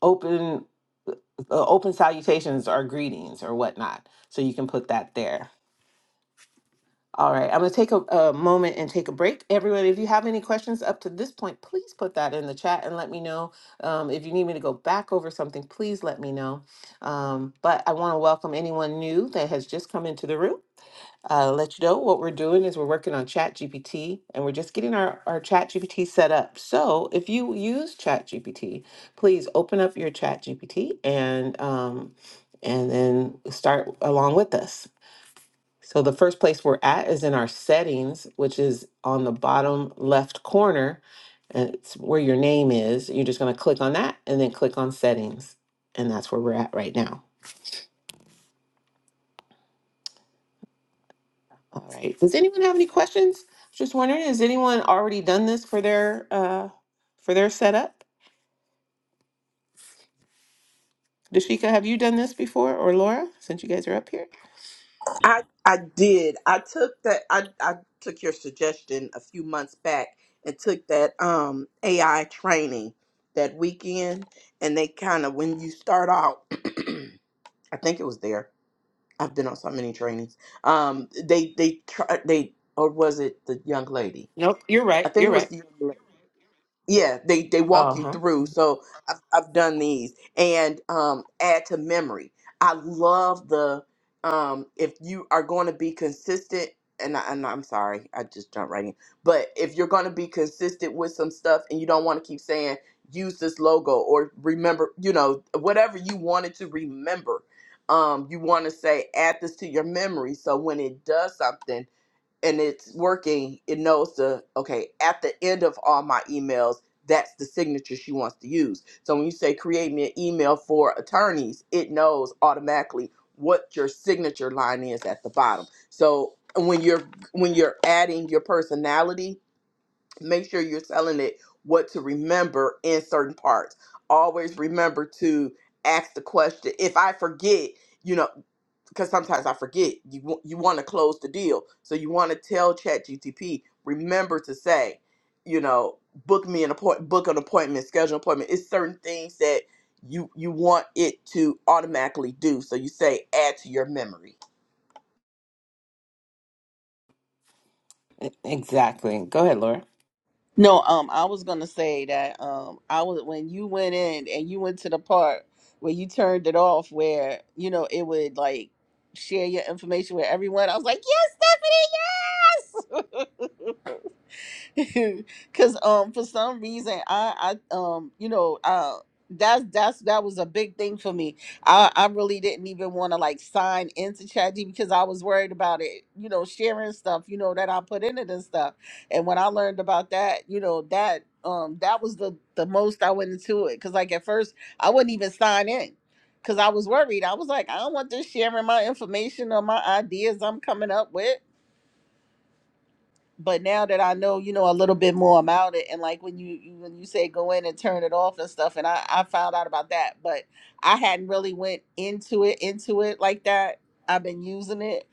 [SPEAKER 2] "Open uh, open salutations or greetings or whatnot. So you can put that there. All right, I'm going to take a, a moment and take a break. Everyone, if you have any questions up to this point, please put that in the chat and let me know. Um, if you need me to go back over something, please let me know. Um, but I want to welcome anyone new that has just come into the room uh, let you know what we're doing is we're working on ChatGPT and we're just getting our, our ChatGPT set up. So if you use ChatGPT, please open up your ChatGPT and um, and then start along with us. So the first place we're at is in our settings, which is on the bottom left corner, and it's where your name is. You're just going to click on that and then click on settings, and that's where we're at right now. All right. Does anyone have any questions? Just wondering, has anyone already done this for their uh for their setup? Dashika, have you done this before or Laura, since you guys are up here?
[SPEAKER 1] I I did. I took that. I I took your suggestion a few months back and took that um AI training that weekend. And they kind of when you start out, I think it was there. I've been on so many trainings. Um, they they try they or was it the young lady?
[SPEAKER 2] Nope, you're
[SPEAKER 1] I
[SPEAKER 2] right.
[SPEAKER 1] think
[SPEAKER 2] You're
[SPEAKER 1] it was
[SPEAKER 2] right.
[SPEAKER 1] the young lady yeah they they walk you
[SPEAKER 2] Uh-huh.
[SPEAKER 1] through so i've, I've done these and um add to memory i love the um if you are going to be consistent and, I, and i'm sorry i just jumped right in but if you're going to be consistent with some stuff and you don't want to keep saying use this logo or remember you know whatever you wanted to remember um you want to say add this to your memory so when it does something and it's working, it knows the okay, at the end of all my emails, that's the signature she wants to use. So when you say create me an email for attorneys, it knows automatically what your signature line is at the bottom. So when you're when you're adding your personality, make sure you're telling it what to remember in certain parts. Always remember to ask the question. If I forget, you know because sometimes I forget. You wa- you want to close the deal, so you want to tell ChatGTP remember to say, you know, book me an appointment, book an appointment, schedule an appointment. It's certain things that you you want it to automatically do. So you say add to your memory.
[SPEAKER 2] E- Exactly. Go ahead, Laura.
[SPEAKER 3] No, um, I was gonna say that um, I was when you went in and you went to the part where you turned it off, where you know it would like share your information with everyone. I was like, yes, Stephanie, yes. Cause um for some reason I I um you know uh that's that's that was a big thing for me. I I really didn't even want to like sign into ChatGPT because I was worried about it, you know, sharing stuff, you know, that I put in it and stuff. And when I learned about that, you know, that um that was the the most I went into it. Cause like at first I wouldn't even sign in because I was worried. I was like, I don't want this sharing my information or my ideas I'm coming up with but now that I know, you know, a little bit more about it, and like when you, you when you say go in and turn it off and stuff, and I I found out about that, but I hadn't really went into it into it like that. I've been using it,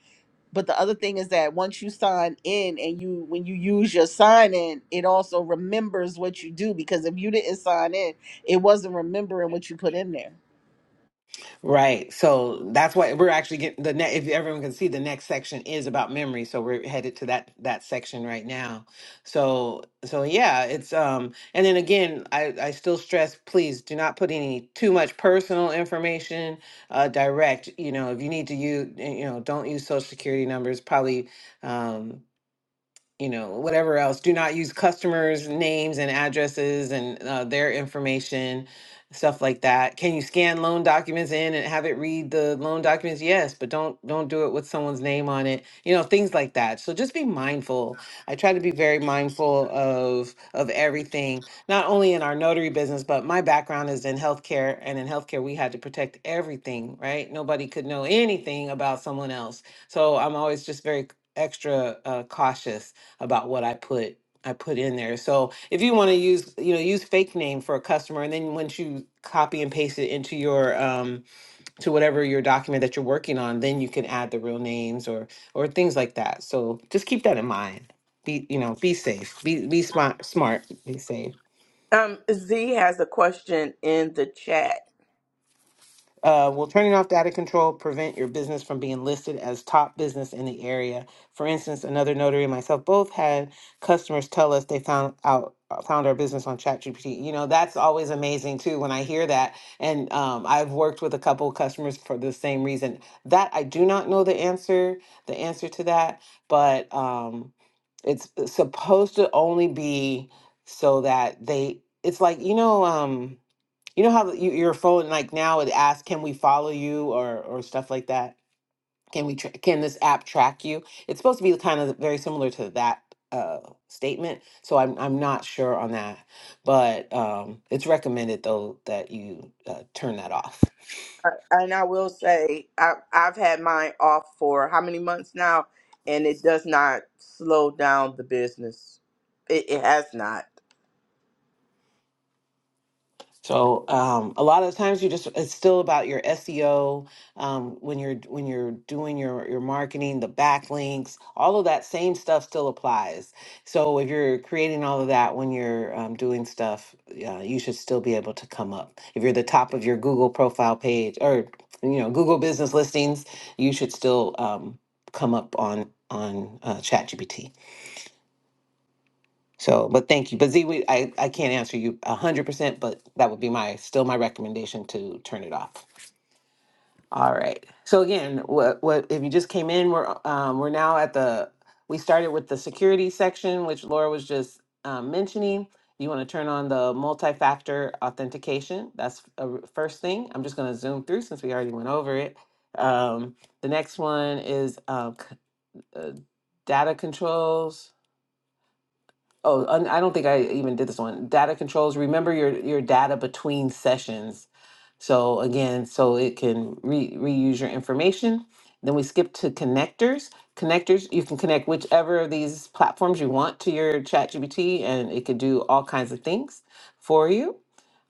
[SPEAKER 3] but the other thing is that once you sign in and you when you use your sign in, it also remembers what you do because if you didn't sign in, it wasn't remembering what you put in there.
[SPEAKER 2] Right. So that's why we're actually getting the next, if everyone can see, the next section is about memory. So we're headed to that that section right now. So so yeah, it's um and then again, I I still stress please do not put any too much personal information uh direct, you know, if you need to use you know, don't use social security numbers, probably um you know, whatever else. Do not use customers' names and addresses and uh, their information, stuff like that. Can you scan loan documents in and have it read the loan documents? Yes, but don't don't do it with someone's name on it. You know, things like that. So just be mindful. I try to be very mindful of of everything, not only in our notary business, but my background is in healthcare, and in healthcare we had to protect everything, right? Nobody could know anything about someone else. So I'm always just very extra uh, cautious about what I put I put in there. So if you want to use you know use fake name for a customer, and then once you copy and paste it into your um, to whatever your document that you're working on, then you can add the real names or or things like that. So just keep that in mind. Be you know be safe. Be be smart smart. Be safe.
[SPEAKER 1] Um, Z has a question in the chat,
[SPEAKER 2] Uh, will turning off data control prevent your business from being listed as top business in the area? For instance, another notary and myself both had customers tell us they found out found our business on ChatGPT. You know, that's always amazing too when I hear that. And um, I've worked with a couple of customers for the same reason. That I do not know the answer, the answer to that, but um, it's supposed to only be so that they. It's like you know. Um, you know how the- you, your phone like now it asks, "Can we follow you?" or or stuff like that. Can we? Tra- can this app track you? It's supposed to be kind of very similar to that uh, statement. So I'm I'm not sure on that, but um, it's recommended though that you uh, turn that off.
[SPEAKER 1] uh, and I will say I, I've had mine off for how many months now, and it does not slow down the business. It, it has not,
[SPEAKER 2] So um, a lot of the times you just it's still about your SEO um, when you're when you're doing your your marketing, the backlinks, all of that same stuff still applies. So if you're creating all of that when you're um, doing stuff, uh, you should still be able to come up. If you're the top of your Google profile page or you know Google business listings, you should still um, come up on on uh, ChatGPT. So, but thank you. But Z, we, I, I can't answer you 100%, but that would be my, still my recommendation to turn it off. All right. So again, what, what, if you just came in, we're, um, we're now at the, we started with the security section, which Laura was just um, mentioning. You want to turn on the multi-factor authentication. That's a r- first thing. I'm just going to zoom through since we already went over it. Um, the next one is uh, c- uh, data controls. Oh, un- I don't think I even did this one. Data controls. Remember your your data between sessions. So again, so it can re- reuse your information. Then we skip to connectors. Connectors, you can connect whichever of these platforms you want to your ChatGPT, and it could do all kinds of things for you.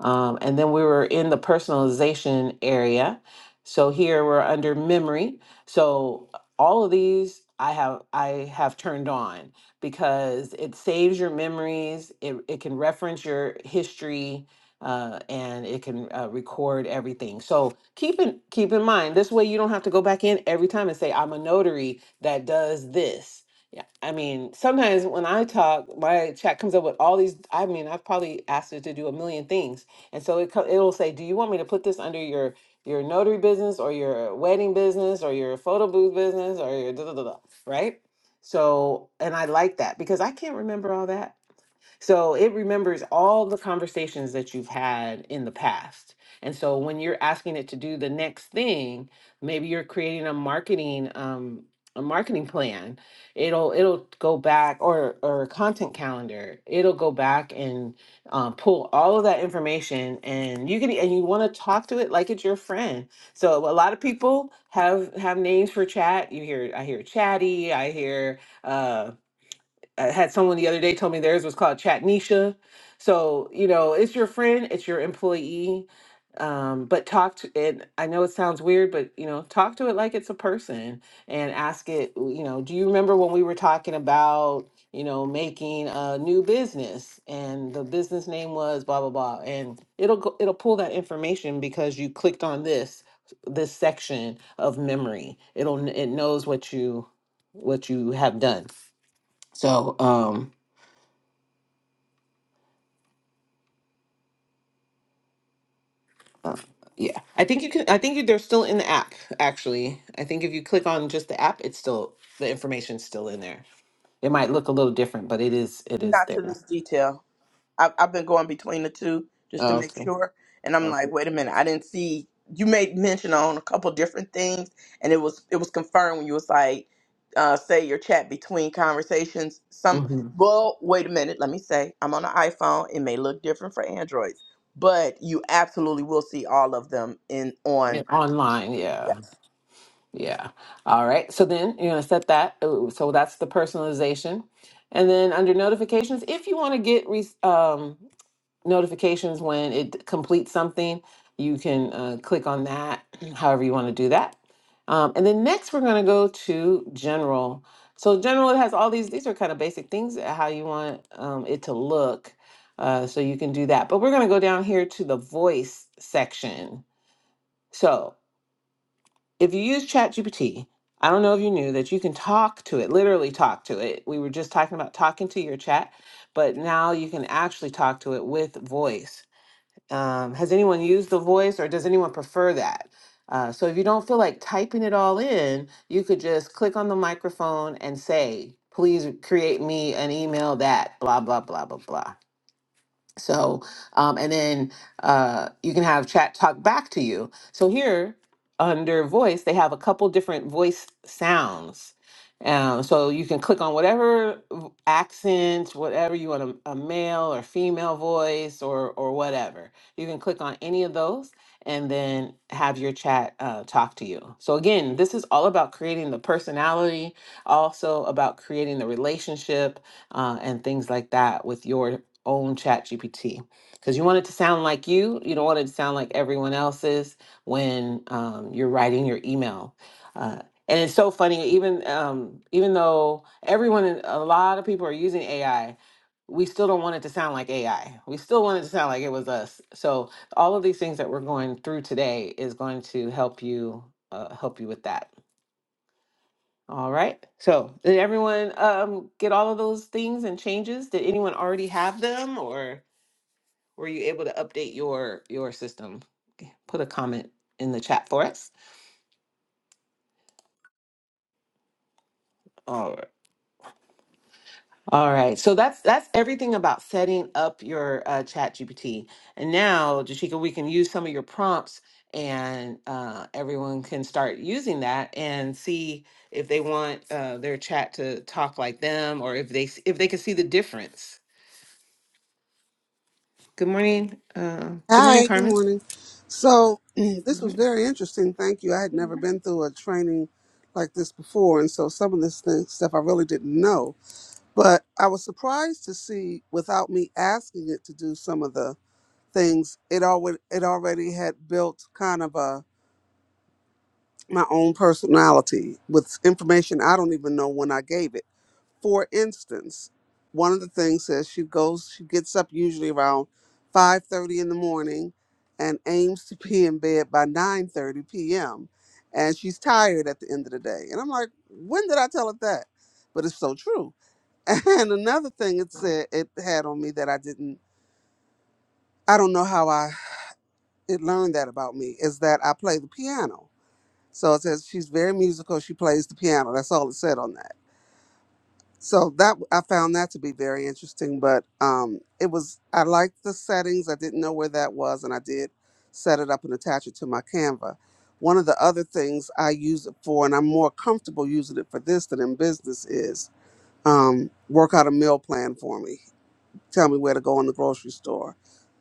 [SPEAKER 2] Um, and then we were in the personalization area. So here we're under memory. So all of these I have I have turned on because it saves your memories, it, it can reference your history, uh, and it can uh, record everything. So keep in keep in mind this way you don't have to go back in every time and say I'm a notary that does this. Yeah, I mean sometimes when I talk, my chat comes up with all these. I mean I've probably asked it to do a million things, and so it co- it'll say, do you want me to put this under your your notary business or your wedding business or your photo booth business or your da da da da, right? So, and I like that because I can't remember all that. So it remembers all the conversations that you've had in the past. And so when you're asking it to do the next thing, maybe you're creating a marketing um a marketing plan. It'll it'll go back or or a content calendar. It'll go back and um, pull all of that information and you can and you want to talk to it like it's your friend. So a lot of people have have names for chat. You hear I hear chatty, I hear uh, I had someone the other day told me theirs was called Chatnisha. So, you know, it's your friend, it's your employee. Um, but talk to it. I know it sounds weird, but you know, talk to it like it's a person and ask it, you know, do you remember when we were talking about, you know, making a new business and the business name was blah blah blah and it'll go, it'll pull that information because you clicked on this this section of memory. It'll kn- it knows what you what you have done. So, um, uh, yeah, I think you can. I think you, they're still in the app. Actually, I think if you click on just the app, it's still the information's still in there. It might look a little different, but it is. It is
[SPEAKER 1] not
[SPEAKER 2] there.
[SPEAKER 1] to this detail. I've, I've been going between the two just to make
[SPEAKER 2] Okay.
[SPEAKER 1] sure. And I'm
[SPEAKER 2] Okay.
[SPEAKER 1] like, wait a minute, I didn't see you made mention on a couple different things, and it was it was confirmed when you was like, uh, say your chat between conversations. Some
[SPEAKER 2] hmm
[SPEAKER 1] well, wait a minute, let me say, I'm on an iPhone. It may look different for Androids, but you absolutely will see all of them in on.
[SPEAKER 2] online, yeah, yeah. All right. So then you're gonna set that. ooh, So that's the personalization, and then under notifications, if you want to get re- um notifications when it completes something. You can uh, click on that however you want to do that. Um, and then next, we're going to go to general. So, general, it has all these, these are kind of basic things uh, how you want um, it to look. Uh, so, you can do that. But we're going to go down here to the voice section. So, if you use ChatGPT, I don't know if you knew that you can talk to it, literally talk to it. We were just talking about talking to your chat, but now you can actually talk to it with voice. Um, has anyone used the voice or does anyone prefer that? Uh, so if you don't feel like typing it all in, you could just click on the microphone and say, please create me an email that blah, blah, blah, blah, blah. So, um, and then uh, you can have chat talk back to you. So here under voice, they have a couple different voice sounds. Um, so you can click on whatever v- accent, whatever you want a, a male or female voice or or whatever. You can click on any of those and then have your chat uh, talk to you. So again, this is all about creating the personality, also about creating the relationship uh, and things like that with your own chat gpt because you want it to sound like you you don't want it to sound like everyone else's when um, you're writing your email uh, and it's so funny even um, even though everyone in- a lot of people are using ai we still don't want it to sound like ai we still want it to sound like it was us so all of these things that we're going through today is going to help you uh, help you with that all right so did everyone um, get all of those things and changes did anyone already have them or were you able to update your your system? Put a comment in the chat for us. All right. All right. So that's that's everything about setting up your uh, Chat GPT. And now, Jashika, we can use some of your prompts, and uh, everyone can start using that and see if they want uh, their chat to talk like them, or if they s- if they can see the difference. Good morning. Uh, good morning,
[SPEAKER 4] Hi, good
[SPEAKER 2] Carmen.
[SPEAKER 4] morning. So, this was very interesting. Thank you. I had never been through a training like this before. And so, some of this thing, stuff I really didn't know. But I was surprised to see, without me asking it to do some of the things, it, already it already had built kind of a my own personality with information I don't even know when I gave it for instance, one of the things says she goes, she gets up usually around 5:30 in the morning and aims to be in bed by 9:30 p.m. and she's tired at the end of the day. And I'm like, when did I tell her that? But it's so true. And another thing it said it had on me that I didn't I don't know how I it learned that about me is that I play the piano. So it says she's very musical, she plays the piano. That's all it said on that so that I found that to be very interesting. But um, it was I liked the settings. I didn't know where that was, and I did set it up and attach it to my Canva. One of the other things I use it for, and I'm more comfortable using it for this than in business, is um, work out a meal plan for me. Tell me where to go in the grocery store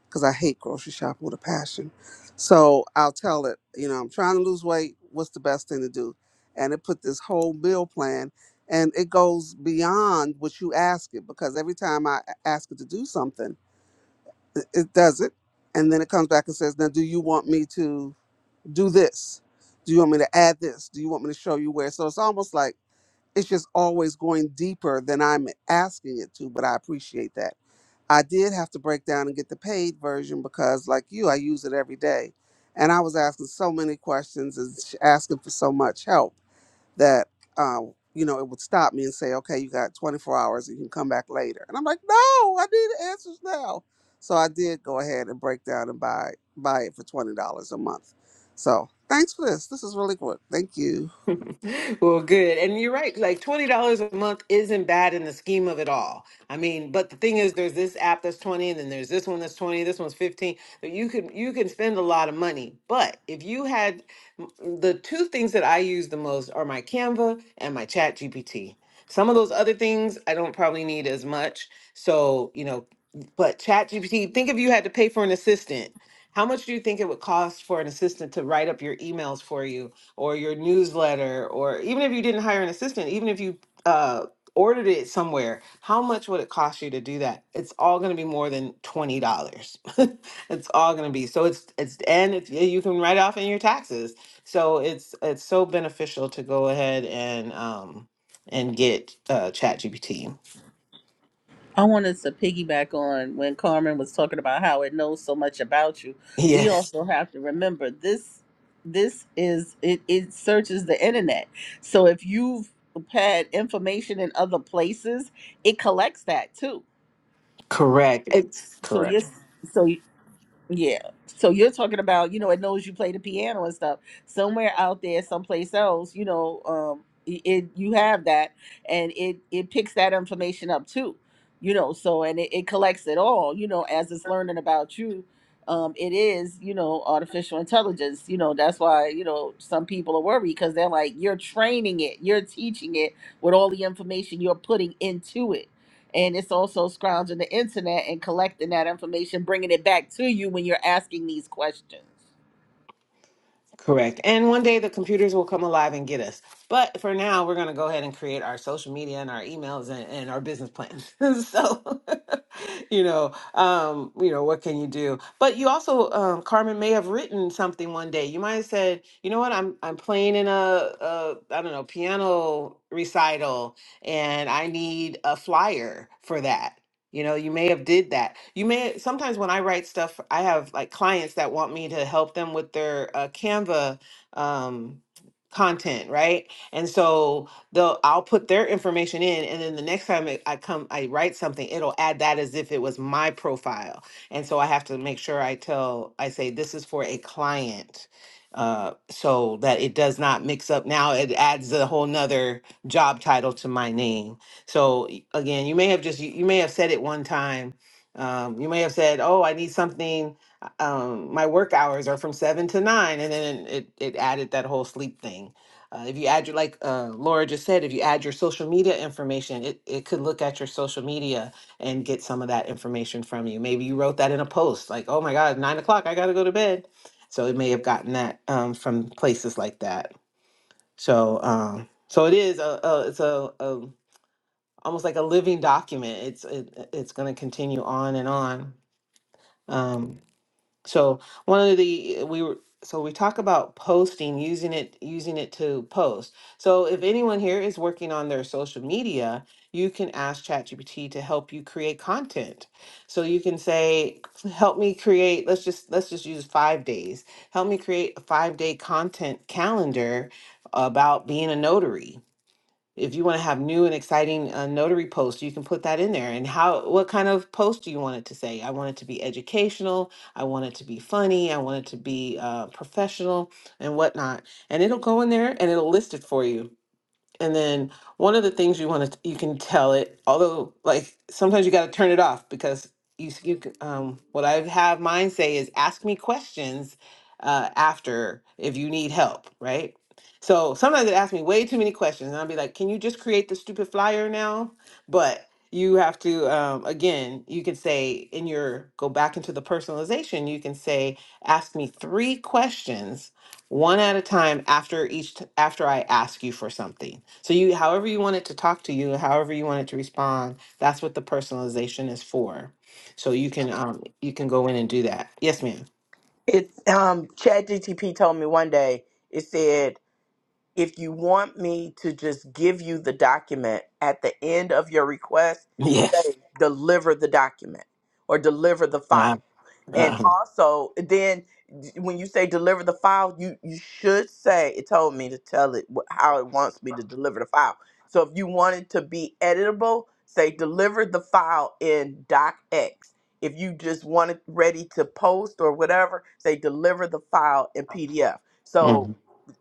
[SPEAKER 4] because I hate grocery shopping with a passion. So I'll tell it, you know, I'm trying to lose weight. What's the best thing to do? And it put this whole meal plan, and it goes beyond what you ask it because every time I a- ask it to do something, it, it does it, and then it comes back and says, "Now, do you want me to do this? Do you want me to add this? Do you want me to show you where?" So it's almost like it's just always going deeper than I'm asking it to, but I appreciate that I did have to break down and get the paid version because, like you, I use it every day. And I was asking so many questions and sh- asking for so much help that, uh, you know, it would stop me and say, okay, you got 24 hours, you can come back later. And I'm like, no, I need answers now. So I did go ahead and break down and buy buy it for $20 a month. So thanks for this. This is really good. Thank you.
[SPEAKER 2] Well, good. And you're right. Like $20 a month isn't bad in the scheme of it all. I mean, but the thing is there's this app that's 20 and then there's this one that's 20, this one's 15. But you can you can spend a lot of money. But if you had the two things that I use the most are my Canva and my Chat GPT. Some of those other things I don't probably need as much. So, you know, but Chat GPT, think if you had to pay for an assistant. How much do you think it would cost for an assistant to write up your emails for you? or your newsletter or even if you didn't hire an assistant even if you uh, ordered it somewhere how much would it cost you to do that it's all going to be more than $20 it's all going to be so it's it's and it's, yeah, you can write off in your taxes so it's it's so beneficial to go ahead and um and get uh chat
[SPEAKER 3] I wanted to piggyback on when Carmen was talking about how it knows so much about you. We
[SPEAKER 2] yes
[SPEAKER 3] also have to remember this this is it, it searches the internet. So if you've had information in other places, it collects that too.
[SPEAKER 2] correct it's
[SPEAKER 3] So
[SPEAKER 2] correct
[SPEAKER 3] yes so yeah. So you're talking about, you know, it knows you play the piano and stuff. Somewhere out there, someplace else, you know, um, it, it you have that, and it it picks that information up too, you know. So and it, it collects it all, you know, as it's learning about you. Um, it is, you know, artificial intelligence. You know, that's why you know some people are worried because they're like, you're training it, you're teaching it with all the information you're putting into it and it's also scrounging the internet and collecting that information, bringing it back to you when you're asking these questions.
[SPEAKER 2] Correct. And one day the computers will come alive and get us. But for now, we're going to go ahead and create our social media and our emails and, and our business plans. so, you know, um, you know, what can you do? But you also, um, Carmen may have written something one day. You might have said, you know what, I'm I'm playing in a, a I don't know piano recital, and I need a flyer for that. You know, you may have did that. You may sometimes when I write stuff, I have like clients that want me to help them with their uh, Canva um, content, right? And so they'll I'll put their information in, and then the next time it, I come, I write something, it'll add that as if it was my profile. And so I have to make sure I tell, I say this is for a client, uh, so that it does not mix up. Now it adds a whole nother job title to my name. So again you may have just you, you may have said it one time um, you may have said oh i need something uh, um, my work hours are from seven to nine and then it, it added that whole sleep thing uh, if you add your like uh, laura just said if you add your social media information it, it could look at your social media and get some of that information from you maybe you wrote that in a post like oh my god nine o'clock i gotta go to bed so it may have gotten that um, from places like that so um, so it is a, a it's a, a almost like a living document. It's it, it's going to continue on and on. Um, so one of the uh, we were so we talk about posting using it using it to post. So if anyone here is working on their social media, you can ask ChatGPT to help you create content. So you can say, "Help me create." Let's just let's just use five days. Help me create a five day content calendar about being a notary if you want to have new and exciting uh, notary posts, you can put that in there. And how, what kind of post do you want it to say? I want it to be educational. I want it to be funny. I want it to be uh, professional and whatnot. And it'll go in there and it'll list it for you and then one of the things you want to you can tell it, although like sometimes you got to turn it off because you s- you c- um what I have mine say is ask me questions uh after if you need help, right? So sometimes it asks me way too many questions and I'll be like, "Can you just create the stupid flyer now?" But you have to um again, you can say in your go back into the personalization, you can say ask me 3 questions one at a time after each t- after I ask you for something. So you however you want it to talk to you, however you want it to respond, that's what the personalization is for. So you can
[SPEAKER 1] Yes,
[SPEAKER 2] um you can go in and do that. Yes, ma'am.
[SPEAKER 1] it's um, Chat GTP told me one day. It said If you want me to just give you the document at the end of your request,
[SPEAKER 2] Yes.
[SPEAKER 1] say deliver the document or deliver the
[SPEAKER 2] Uh,
[SPEAKER 1] file. And
[SPEAKER 2] uh,
[SPEAKER 1] also, then d- when you say deliver the file, you, you should say it told me to tell it wh- how it wants me to deliver the file. So if you want it to be editable, say deliver the file in docx. If you just want it ready to post or whatever, say deliver the file in PDF. So
[SPEAKER 2] mm,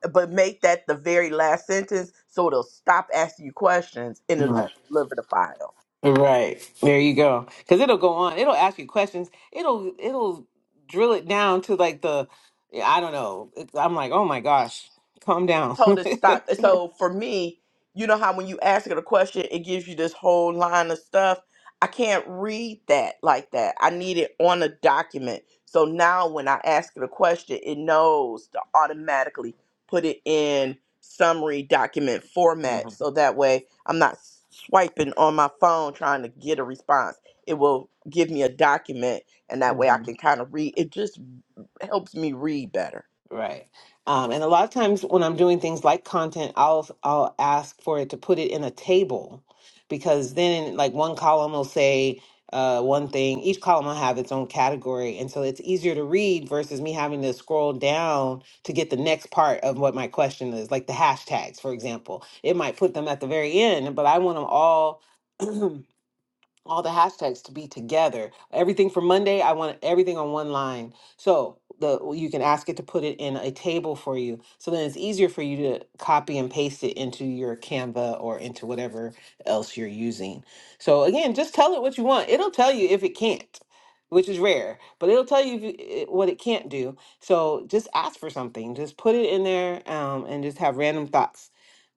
[SPEAKER 1] but make that the very last sentence so it'll stop asking you questions and it'll just
[SPEAKER 2] right.
[SPEAKER 1] deliver the file.
[SPEAKER 2] Right. There you go. Cuz it'll go on. It'll ask you questions. It'll it'll drill it down to like the I don't know. It's, I'm like, "Oh my gosh, calm down."
[SPEAKER 1] told it stop. So for me, you know how when you ask it a question, it gives you this whole line of stuff. I can't read that like that. I need it on a document. So now when I ask it a question, it knows to automatically put it in summary document format.
[SPEAKER 2] Mhm,
[SPEAKER 1] So that way I'm not swiping on my phone trying to get a response. It will give me a document and that way
[SPEAKER 2] mhm.
[SPEAKER 1] I can kind of read. It just helps me read better.
[SPEAKER 2] Right. Um, and a lot of times when I'm doing things like content, I'll I'll ask for it to put it in a table because then like one column will say uh, one thing, each column will have its own category. And so it's easier to read versus me having to scroll down to get the next part of what my question is, like the hashtags, for example. It might put them at the very end, but I want them all all the hashtags to be together. Everything for Monday, I want everything on one line. So the you can ask it to put it in a table for you. So then it's easier for you to copy and paste it into your Canva or into whatever else you're using. So again, just tell it what you want. It'll tell you if it can't, which is rare, but it'll tell you if you- it, what it can't do. So just ask for something. Just put it in there um, and just have random thoughts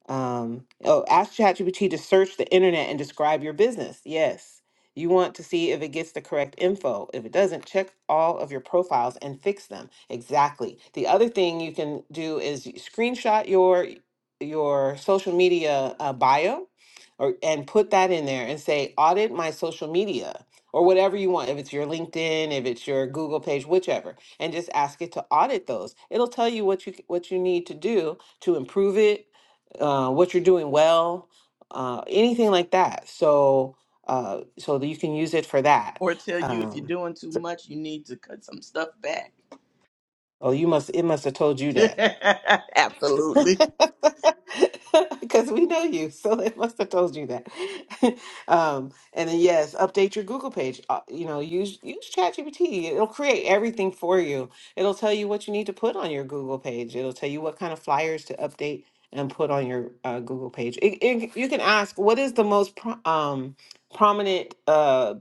[SPEAKER 2] um, oh, ask ChatGPT to search the internet and describe your business. Yes. You want to see if it gets the correct info. If it doesn't, check all of your profiles and fix them. Exactly. The other thing you can do is you screenshot your your social media uh, bio or and put that in there and say audit my social media or whatever you want if it's your LinkedIn, if it's your Google page, whichever, and just ask it to audit those. It'll tell you what you c- what you need to do to improve it, uh, what you're doing well, uh, anything like that. So, uh, so that you can use it for that.
[SPEAKER 1] or tell you if you're
[SPEAKER 2] Um,
[SPEAKER 1] doing too
[SPEAKER 2] so-
[SPEAKER 1] much, you need to cut some stuff back.
[SPEAKER 2] oh, you must. It must have told you that.
[SPEAKER 1] Absolutely.
[SPEAKER 2] Because we know you, so it must have told you that. um, and then yes, update your Google page. Uh, you know, use use ChatGPT. It'll create everything for you. It'll tell you what you need to put on your Google page. It'll tell you what kind of flyers to update and put on your uh, Google page. It, it, you can ask, what is the most pro- um, prominent? Uh,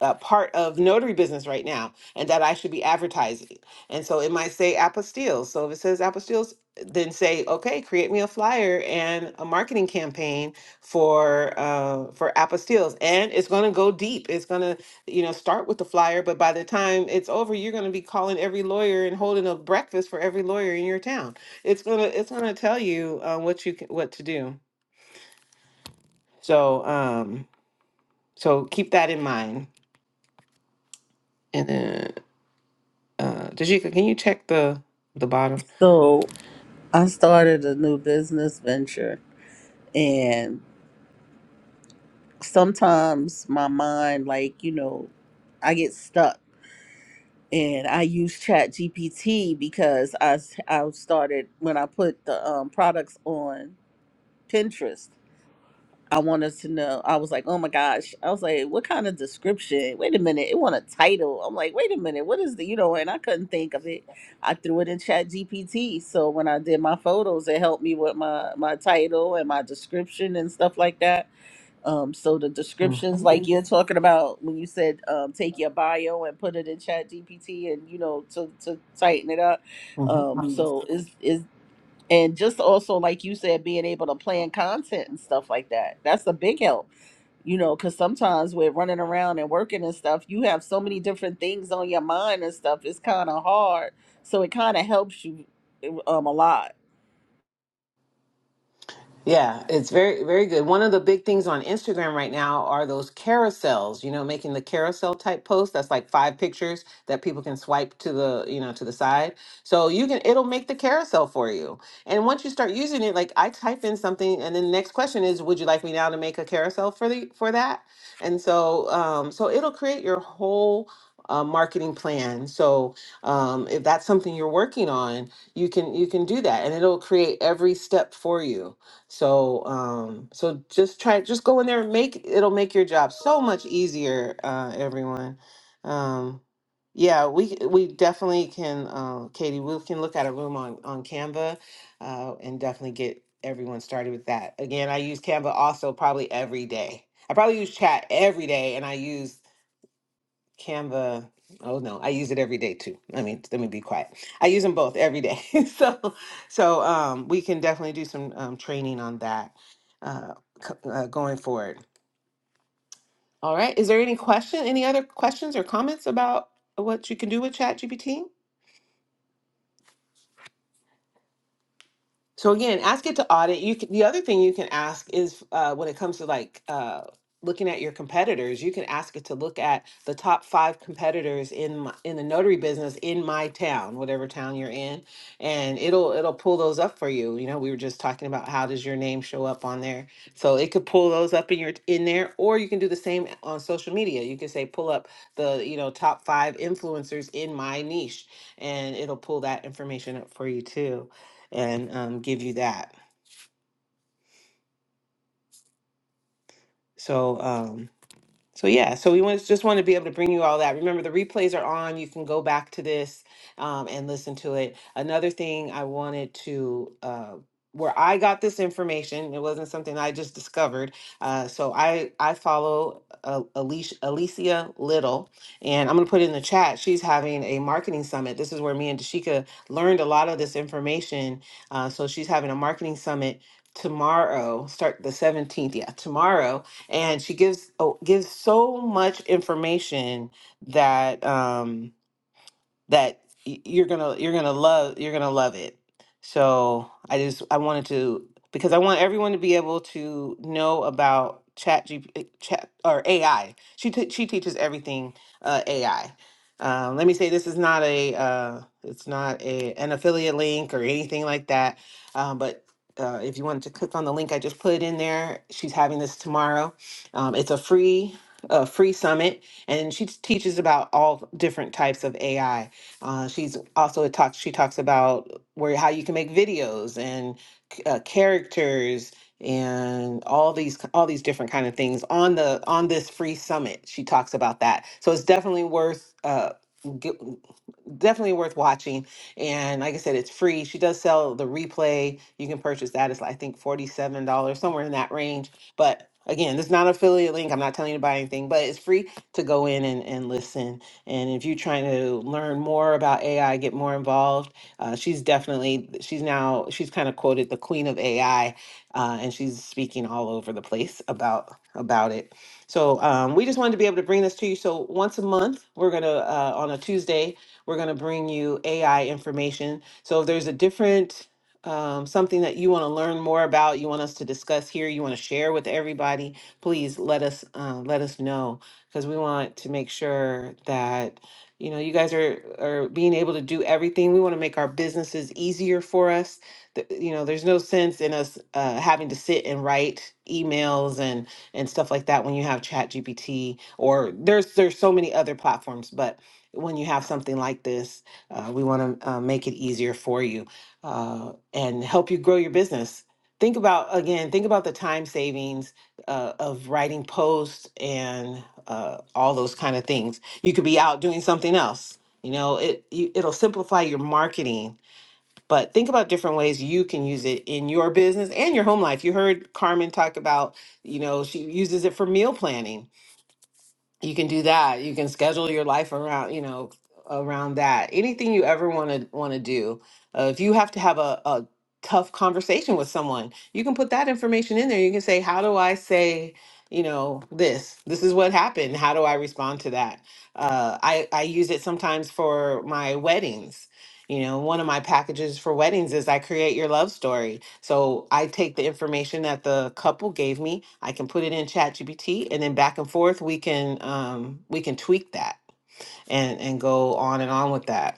[SPEAKER 2] uh, part of notary business right now and that I should be advertising. And so it might say apostilles. So if it says apostilles, then say, okay, create me a flyer and a marketing campaign for uh, for apostilles. And it's going to go deep. It's going to, you know, start with the flyer, but by the time it's over, you're going to be calling every lawyer and holding a breakfast for every lawyer in your town. It's gonna it's gonna tell you uh, what you can, what to do. So um, so keep that in mind. And then Uh, Tajika, can you check the the bottom?
[SPEAKER 3] So I started a new business venture, and sometimes my mind, like, you know, I get stuck. And I use Chat GPT because I, s- I started when I put the um, products on Pinterest. I want us to know. I was like, oh my gosh. I was like, what kind of description? Wait a minute. It want a title. I'm like, wait a minute. What is the, you know, and I couldn't think of it. I threw it in chat GPT. So when I did my photos, it helped me with my, my title and my description and stuff like that. Um, so the descriptions like
[SPEAKER 2] Mm-hmm.
[SPEAKER 3] you're talking about when you said um, take your bio and put it in chat GPT and, you know, to, to tighten it up. Um,
[SPEAKER 2] Mm-hmm.
[SPEAKER 3] so is is and just also like you said being able to plan content and stuff like that that's a big help you know because sometimes with running around and working and stuff you have so many different things on your mind and stuff it's kind of hard so it kind of helps you um a lot
[SPEAKER 2] Yeah, it's very, very good. One of the big things on Instagram right now are those carousels, you know, making the carousel type post. That's like five pictures that people can swipe to the, you know, to the side. So you can, it'll make the carousel for you. And once you start using it, like I type in something and then the next question is, would you like me now to make a carousel for the, for that? And so, um, so it'll create your whole uh, marketing plan. So um, if that's something you're working on, you can, you can do that and it'll create every step for you. So um so just try just go in there and make it'll make your job so much easier, uh everyone. Um yeah, we we definitely can uh, Katie, we can look at a room on on Canva uh and definitely get everyone started with that. Again, I use Canva also probably every day. I probably use chat every day and I use Canva. Oh no, I use it every day too. Let me let me be quiet. I use them both every day. so so um, we can definitely do some um, training on that uh, c- uh, going forward. All right. Is there any question? Any other questions or comments about what you can do with ChatGPT? So again, ask it to audit. You can, the other thing you can ask is uh, when it comes to like uh, looking at your competitors, you can ask it to look at the top five competitors in my, in the notary business in my town, whatever town you're in, and it'll it'll pull those up for you. You know, we were just talking about how does your name show up on there, so it could pull those up in your in there, or you can do the same on social media. You can say pull up the you know top five influencers in my niche, and it'll pull that information up for you too and um, give you that. So um, So yeah, so we was, just want to be able to bring you all that. Remember, the replays are on. You can go back to this um, and listen to it. Another thing I wanted to. Uh, where I got this information, it wasn't something I just discovered. Uh, so I I follow uh, Alicia, Alicia Little, and I'm gonna put it in the chat. She's having a marketing summit. This is where me and Dashika learned a lot of this information. Uh, so she's having a marketing summit tomorrow. Start the 17th, yeah, tomorrow and she gives oh, gives so much information that um, that y- you're gonna you're gonna love you're gonna love it so i just i wanted to because i want everyone to be able to know about chat G, P chat or ai she t- she teaches everything uh, ai um, let me say this is not a uh, it's not a an affiliate link or anything like that um, but uh, if you wanted to click on the link i just put in there she's having this tomorrow um, it's a free a free summit and she t- teaches about all different types of ai uh, she's also it talks. She talks about where how you can make videos and c- uh, characters and all these all these different kind of things on the on this free summit. She talks about that, so it's definitely worth uh, get, definitely worth watching. And like I said, it's free. She does sell the replay. You can purchase that. It's I think forty seven dollars somewhere in that range. But again, this is not an affiliate link. I'm not telling you to buy anything, but it's free to go in and, and listen and if you're trying to learn more about AI, get more involved, uh, she's definitely, she's now, she's kind of quoted the queen of AI, uh, and she's speaking all over the place about about it. So um, we just wanted to be able to bring this to you. So once a month, we're gonna uh, on a Tuesday, we're gonna bring you AI information. So if there's a different um, something that you want to learn more about, you want us to discuss here, you want to share with everybody, please let us uh, let us know because we want to make sure that you know you guys are are being able to do everything. We want to make our businesses easier for us. The, you know, there's no sense in us uh, having to sit and write emails and and stuff like that when you have Chat GPT or there's there's so many other platforms, but when you have something like this, uh, we want to uh, make it easier for you uh, and help you grow your business. Think about again, think about the time savings uh, of writing posts and uh, all those kind of things. You could be out doing something else. You know, it you, it'll simplify your marketing. But think about different ways you can use it in your business and your home life. You heard Carmen talk about, you know, she uses it for meal planning you can do that you can schedule your life around you know around that anything you ever want to want to do uh, if you have to have a, a tough conversation with someone you can put that information in there you can say how do i say you know this this is what happened how do i respond to that uh, i i use it sometimes for my weddings you know one of my packages for weddings is i create your love story so I take the information that the couple gave me, I can put it in ChatGPT, and then back and forth we can um, we can tweak that and and go on and on with that.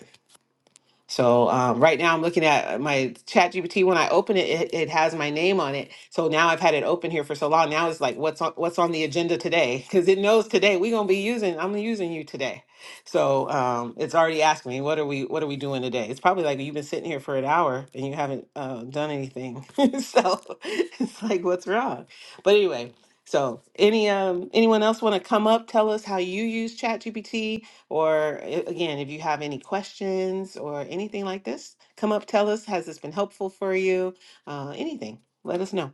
[SPEAKER 2] So um, right now I'm looking at uh, my chat GPT. When I open it, it, it has my name on it. So now I've had it open here for so long. Now it's like, what's on, what's on the agenda today? Cause it knows today we're going to be using, I'm using you today. So um, it's already asking me, what are we, what are we doing today? It's probably like, you've been sitting here for an hour and you haven't uh, done anything. so it's like, what's wrong? But anyway, so any, um, anyone else want to come up, tell us how you use chat GPT? Or a- again, if you have any questions or anything like this, come up, tell us, has this been helpful for you? Uh, anything, let us know.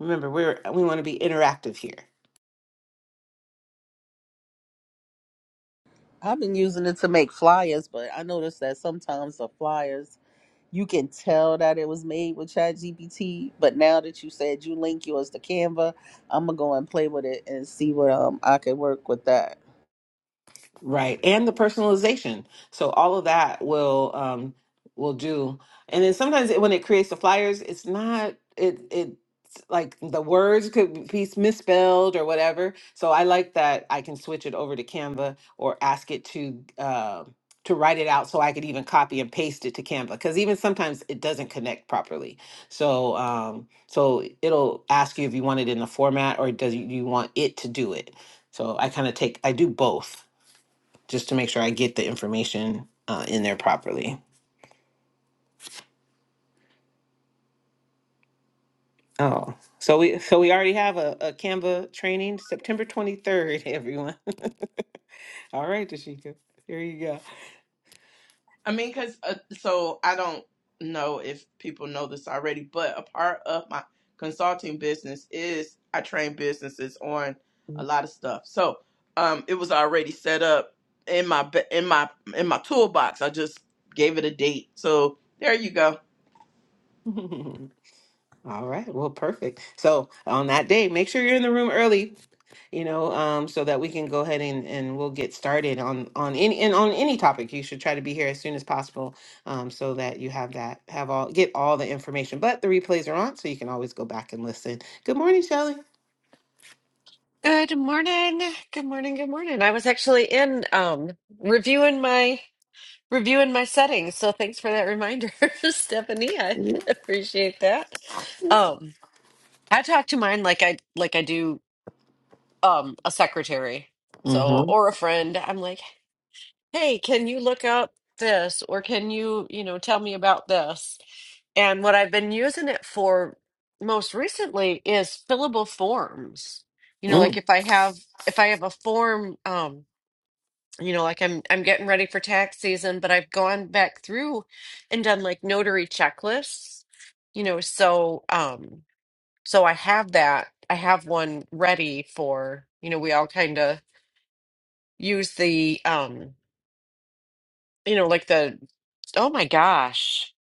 [SPEAKER 2] Remember, we're, we want to be interactive here.
[SPEAKER 3] i've been using it to make flyers but i noticed that sometimes the flyers you can tell that it was made with ChatGPT. but now that you said you link yours to canva i'm gonna go and play with it and see what um i could work with that
[SPEAKER 2] Right, and the personalization. So all of that will um will do. And then sometimes it, when it creates the flyers, it's not it it like the words could be misspelled or whatever. So I like that I can switch it over to Canva or ask it to uh, to write it out so I could even copy and paste it to Canva because even sometimes it doesn't connect properly. So um so it'll ask you if you want it in the format or does you want it to do it. So I kind of take I do both just to make sure I get the information uh, in there properly. Oh, so we so we already have a, a Canva training September 23rd, everyone. All right, Tashika. Here you
[SPEAKER 1] I mean, because uh, so I don't know if people know this already, but a part of my consulting business is I train businesses on a lot of stuff. So um, it was already set up in my ba- in my in my toolbox. I just gave it a date. So there you go.
[SPEAKER 2] go. All right, well, perfect. So on that day, make sure you're in the room early, you know, um, so that we can go ahead and, and we'll get started on on any and on any topic. You should try to be here as soon as possible, um, so that you have that have all get all the information. But the replays are on, so you can always go back and listen. Good morning, Shelly.
[SPEAKER 5] Good morning. Good morning. Good morning. I was actually in um reviewing my reviewing my settings, so thanks for that reminder, Stephanie. I appreciate that. Um I talk to mine like I like I do um a secretary. So
[SPEAKER 2] Mm-hmm.
[SPEAKER 5] or a friend. I'm like, hey, can you look up this or can you, you know, tell me about this? And what I've been using it for most recently is fillable forms. You know, like
[SPEAKER 2] Mm.
[SPEAKER 5] if I have if I have a form, um, you know, like I'm I'm getting ready for tax season, but I've gone back through and done like notary checklists, you know, so um so I have that. I have one ready for, you know, we all kind of use the um you know, like the, oh my gosh,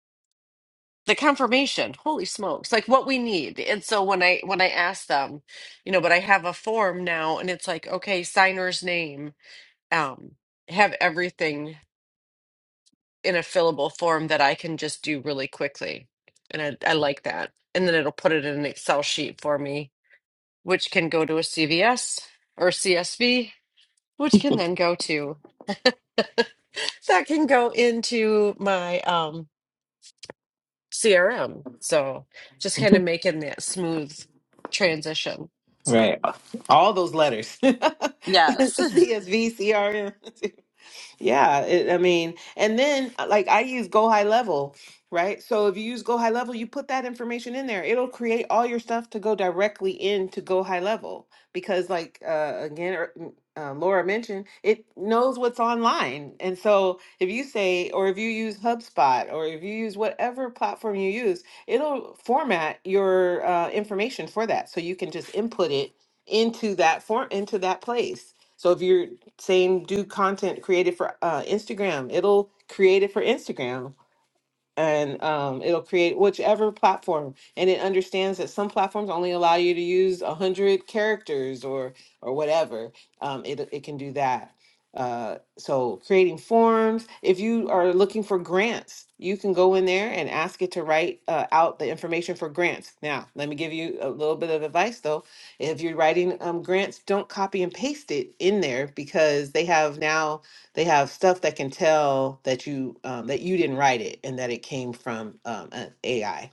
[SPEAKER 5] the confirmation. Holy smokes. Like what we need. And so when I when I ask them, you know, but I have a form now and it's like, okay, signer's name. Um, have everything in a fillable form that I can just do really quickly. And I, I like that. And then it'll put it in an Excel sheet for me, which can go to a CVS or CSV, which can then go to that can go into my um CRM. So just kind of making that smooth transition. So
[SPEAKER 2] Right. All those letters.
[SPEAKER 5] Yes.
[SPEAKER 2] CSV, CRM. Yeah, it, I mean, and then uh, like I use Go High Level, right? So if you use Go High Level, you put that information in there. It'll create all your stuff to go directly into Go High Level because, like uh, again, er, mm, uh, Laura mentioned, it knows what's online. And so if you say, or if you use HubSpot, or if you use whatever platform you use, it'll format your uh, information for that, so you can just input it into that form into that place. So if you're same do content created for uh, Instagram. It'll create it for Instagram and um, it'll create whichever platform and it understands that some platforms only allow you to use 100 characters or or whatever um, it, it can do that uh, so creating forms if you are looking for grants you can go in there and ask it to write uh, out the information for grants now let me give you a little bit of advice though if you're writing um, grants don't copy and paste it in there because they have now they have stuff that can tell that you um, that you didn't write it and that it came from um, an AI.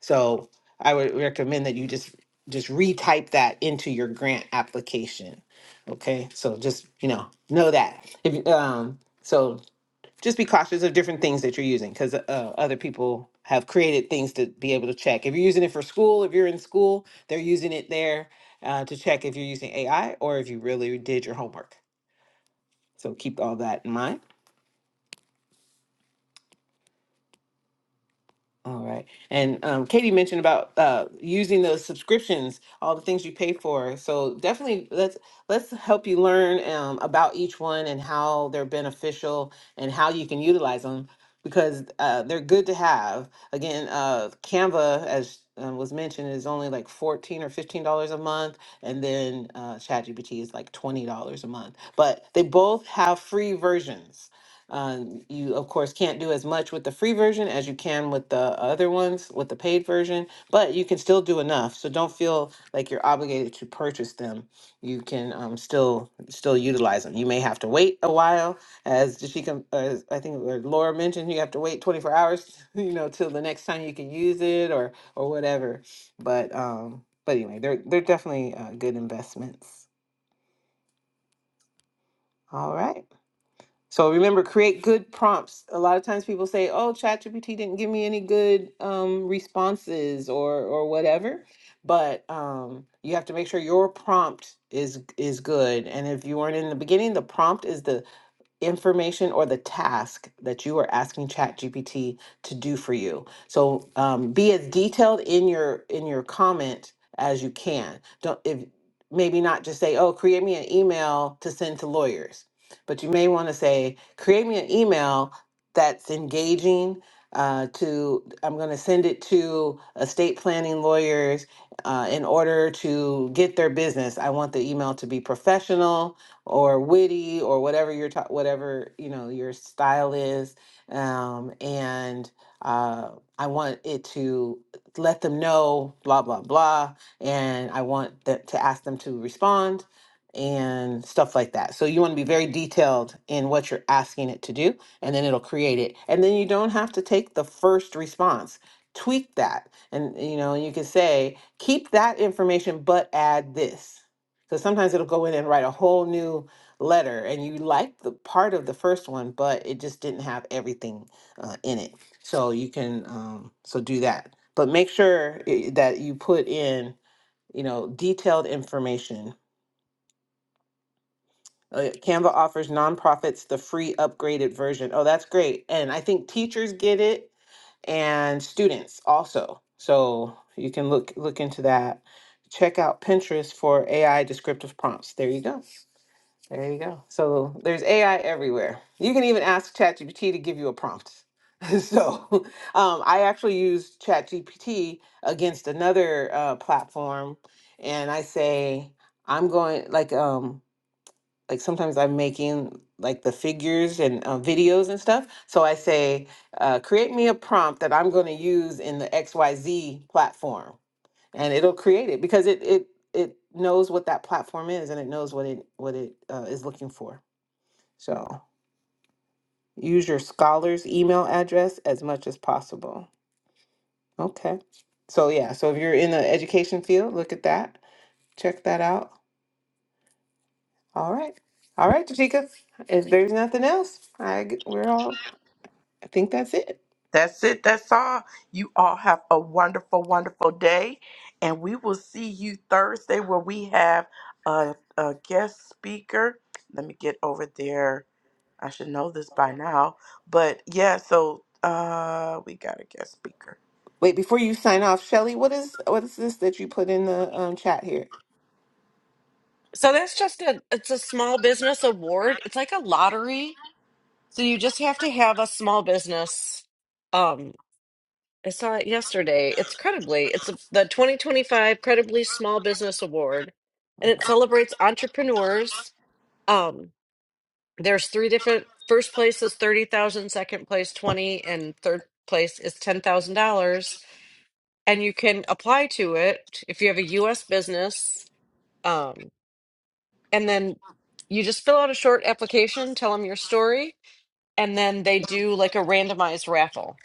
[SPEAKER 2] So I would recommend that you just just retype that into your grant application. Okay, so just you know know that if um, so just be cautious of different things that you're using because uh, other people have created things to be able to check. If you're using it for school, if you're in school, they're using it there uh, to check if you're using AI or if you really did your homework. So keep all that in mind. All right. And um, Katie mentioned about uh, using those subscriptions, all the things you pay for. So definitely let's let's help you learn um, about each one and how they're beneficial and how you can utilize them because uh, they're good to have. Again, uh, Canva, as um, was mentioned, is only like fourteen or fifteen dollars a month, and then uh, ChatGPT is like twenty dollars a month. But they both have free versions. Um, you, of course, can't do as much with the free version as you can with the other ones, with the paid version, but you can still do enough. So don't feel like you're obligated to purchase them. You can um, still still utilize them. You may have to wait a while, as Jashika, as I think or Laura mentioned, you have to wait 24 hours, you know, till the next time you can use it or or whatever. But um, but anyway, they're they're definitely uh, good investments. All right. So remember, create good prompts. A lot of times people say, "Oh, ChatGPT didn't give me any good um, responses or or whatever," but um, you have to make sure your prompt is is good. And if you weren't in the beginning, the prompt is the information or the task that you are asking ChatGPT to do for you. So um, be as detailed in your in your comment as you can. Don't if maybe not just say, "Oh, create me an email to send to lawyers," but you may want to say, "Create me an email that's engaging." Uh, to I'm going to send it to estate planning lawyers uh, in order to get their business. I want the email to be professional or witty or whatever your ta- whatever you know your style is um, and uh, i want it to let them know blah blah blah and i want the, to ask them to respond and stuff like that so you want to be very detailed in what you're asking it to do and then it'll create it and then you don't have to take the first response tweak that and you know you can say keep that information but add this so sometimes it'll go in and write a whole new letter and you like the part of the first one but it just didn't have everything uh, in it so you can um, so do that but make sure i- that you put in you know detailed information uh, canva offers nonprofits the free upgraded version oh that's great and i think teachers get it and students also so you can look look into that check out pinterest for ai descriptive prompts there you go There you go. So there's AI everywhere. You can even ask ChatGPT to give you a prompt. so um, I actually used ChatGPT against another uh, platform, and I say I'm going like um like sometimes I'm making like the figures and uh, videos and stuff. So I say uh, create me a prompt that I'm going to use in the X Y Z platform, and it'll create it because it it it knows what that platform is and it knows what it what it uh, is looking for. So use your scholar's email address as much as possible. Okay. So, yeah, so if you're in the education field, look at that. Check that out. All right. All right, Jashika. If there's nothing else, I g- we're all. I think that's it.
[SPEAKER 1] That's it. That's all. You all have a wonderful, wonderful day. And we will see you Thursday where we have a, a guest speaker. Let me get over there. I should know this by now. But yeah, so uh we got a guest speaker.
[SPEAKER 2] Wait, before you sign off, Shelly, what is what is this that you put in the um, chat here?
[SPEAKER 5] so that's just a it's a small business award. It's like a lottery. So you just have to have a small business. Um I saw it yesterday. It's credibly it's a, the 2025 Credibly Small Business Award and it
[SPEAKER 2] Uh-huh.
[SPEAKER 5] celebrates entrepreneurs. Um there's three different first place is 30,000, second place 20 and third place is $10,000 and you can apply to it if you have a US business. Um, and then you just fill out a short application, tell them your story, and then they do like a randomized raffle.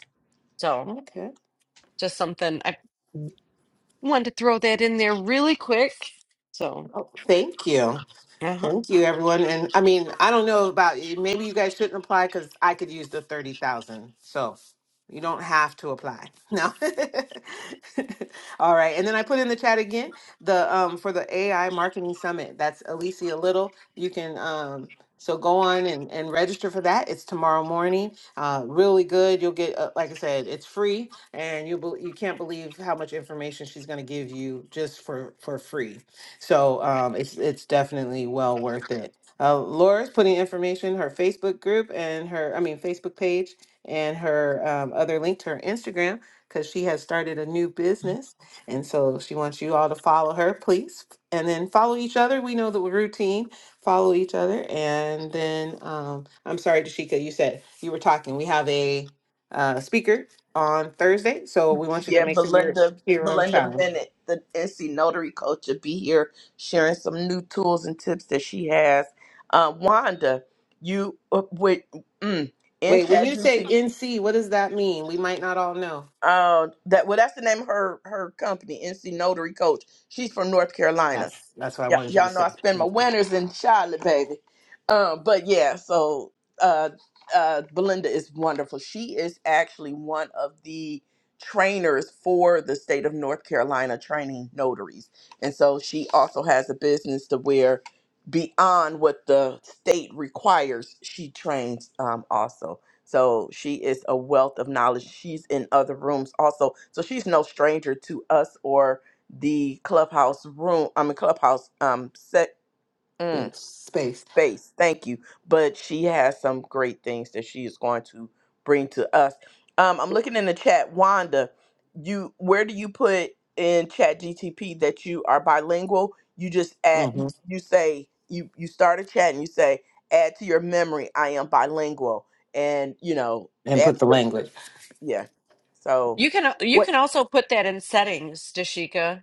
[SPEAKER 5] So
[SPEAKER 2] Okay.
[SPEAKER 5] just something I wanted to throw that in there really quick. So
[SPEAKER 2] Oh, thank you.
[SPEAKER 5] uh-huh.
[SPEAKER 2] Thank you, everyone. And I mean, I don't know about you. Maybe you guys shouldn't apply because I could use the 30,000. So you don't have to apply. No. All right. And then I put in the chat again the um for the AI marketing summit. That's Alicia Little. You can um so go on and, and register for that. It's tomorrow morning. Uh, really good. You'll get, uh, like I said, it's free, and you bel you can't believe how much information she's going to give you just for for free so um, it's it's definitely well worth it. Uh, Laura's putting information her Facebook group and her I mean Facebook page and her um, other link to her Instagram because she has started a new business and so she wants you all to follow her please and then follow each other we know the routine follow each other and then um, i'm sorry dashika you said you were talking we have a uh, speaker on thursday so we want you to
[SPEAKER 1] Yeah,
[SPEAKER 2] make sure you're
[SPEAKER 1] Belinda
[SPEAKER 2] here on
[SPEAKER 1] Belinda
[SPEAKER 2] time
[SPEAKER 1] Bennett, the NC Notary Coach, will be here sharing some new tools and tips that she has. Uh, Wanda, you uh, with mm, in
[SPEAKER 2] Wait, when you say
[SPEAKER 1] ChatGPT.
[SPEAKER 2] NC, what does that mean? We might not all know.
[SPEAKER 1] Uh, that well, that's the name of her her company, NC Notary Coach. She's from North Carolina.
[SPEAKER 2] That's that's what I
[SPEAKER 1] Yeah,
[SPEAKER 2] wanted you to
[SPEAKER 1] y'all know
[SPEAKER 2] say.
[SPEAKER 1] I spend my
[SPEAKER 2] Thank you.
[SPEAKER 1] winters in Charlotte, baby. Um, but yeah, so uh, uh, Belinda is wonderful. She is actually one of the trainers for the state of North Carolina training notaries, and so she also has a business to where beyond what the state requires, she trains um, also. So she is a wealth of knowledge. She's in other rooms also, so she's no stranger to us or the clubhouse room i mean clubhouse um set mm,
[SPEAKER 2] Space, space,
[SPEAKER 1] space thank you but she has some great things that she is going to bring to us um i'm looking in the chat wanda you where do you put in chat gtp that you are bilingual you just add
[SPEAKER 2] hmm
[SPEAKER 1] you say you you start a chat and you say add to your memory i am bilingual and you know
[SPEAKER 2] and
[SPEAKER 1] add
[SPEAKER 2] put the
[SPEAKER 1] to your
[SPEAKER 2] language.
[SPEAKER 1] yeah so
[SPEAKER 5] you can uh, you
[SPEAKER 2] What?
[SPEAKER 5] can also put that in settings, Dashika.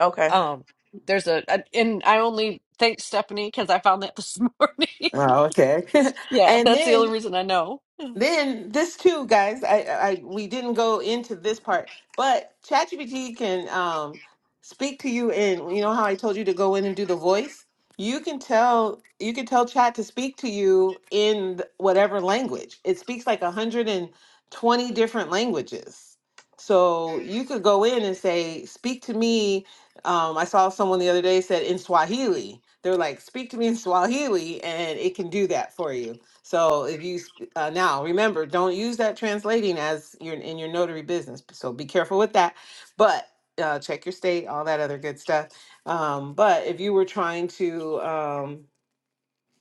[SPEAKER 1] okay
[SPEAKER 5] Um, there's a, a and I only thank Stephanie because I found that this morning.
[SPEAKER 2] Oh, okay.
[SPEAKER 5] yeah,
[SPEAKER 2] and
[SPEAKER 5] that's the only
[SPEAKER 2] then
[SPEAKER 5] reason I know.
[SPEAKER 2] Then this too, guys. I, I we didn't go into this part, but ChatGPT can um speak to you in. You know how I told you to go in and do the voice. You can tell you can tell Chat to speak to you in th- whatever language. It speaks like a hundred and twenty different languages. So you could go in and say, "Speak to me." Um, I saw someone the other day said in Swahili. They're like, "Speak to me in Swahili," and it can do that for you. So if you uh, now, remember, don't use that translating as your in your notary business. So be careful with that. But uh, check your state, all that other good stuff. Um, but if you were trying to um,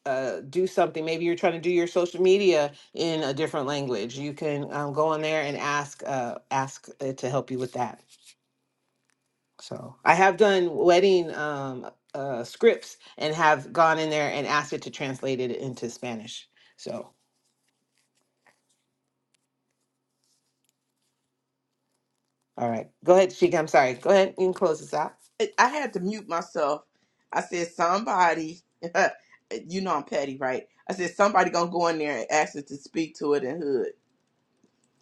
[SPEAKER 2] uh, do something, maybe you're trying to do your social media in a different language. You can um, go on there and ask uh, ask it to help you with that. So I have done wedding um, uh, scripts and have gone in there and asked it to translate it into Spanish. So. All right. Go ahead, Sheik. I'm sorry. Go ahead. You can close this out.
[SPEAKER 1] I had to mute myself. I said, somebody, you know I'm petty, right? I said, somebody gonna go in there and ask us to speak to it in hood.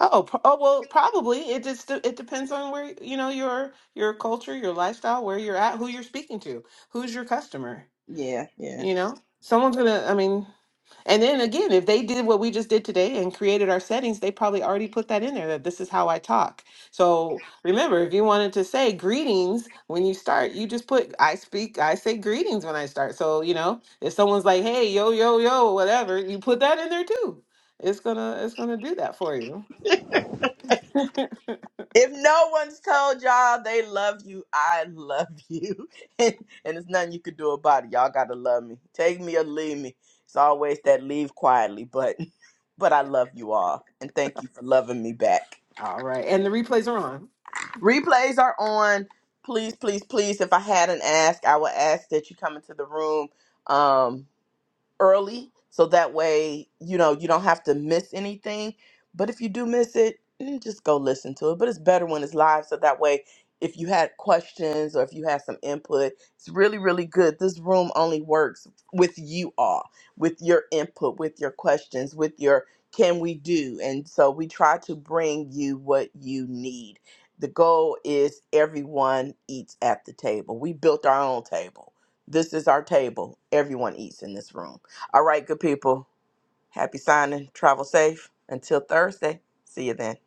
[SPEAKER 2] Oh, pro- oh well, probably. It just it depends on where you know your your culture, your lifestyle, where you're at, who you're speaking to, who's your customer.
[SPEAKER 1] Yeah, yeah.
[SPEAKER 2] You know, someone's gonna. I mean. And then again, if they did what we just did today and created our settings, they probably already put that in there that this is how I talk. So remember, if you wanted to say greetings when you start, you just put I speak, I say greetings when I start. So, you know, if someone's like, hey, yo, yo, yo, whatever, you put that in there too. It's gonna it's gonna do that for you.
[SPEAKER 1] If no one's told y'all they love you, I love you. and, and there's nothing you could do about it. Y'all gotta love me. Take me or leave me. It's always that leave quietly, but but I love you all. And thank you for loving me back.
[SPEAKER 2] All right. And the replays are on.
[SPEAKER 1] Replays are on. Please, please, please. If I had an ask, I would ask that you come into the room. Um, early so that way you know you don't have to miss anything but if you do miss it mm, just go listen to it but it's better when it's live so that way if you had questions or if you had some input it's really really good this room only works with you all with your input with your questions with your can we do and so we try to bring you what you need the goal is everyone eats at the table we built our own table this is our table everyone eats in this room all right, good people. Happy signing. Travel safe. Until Thursday. See you then.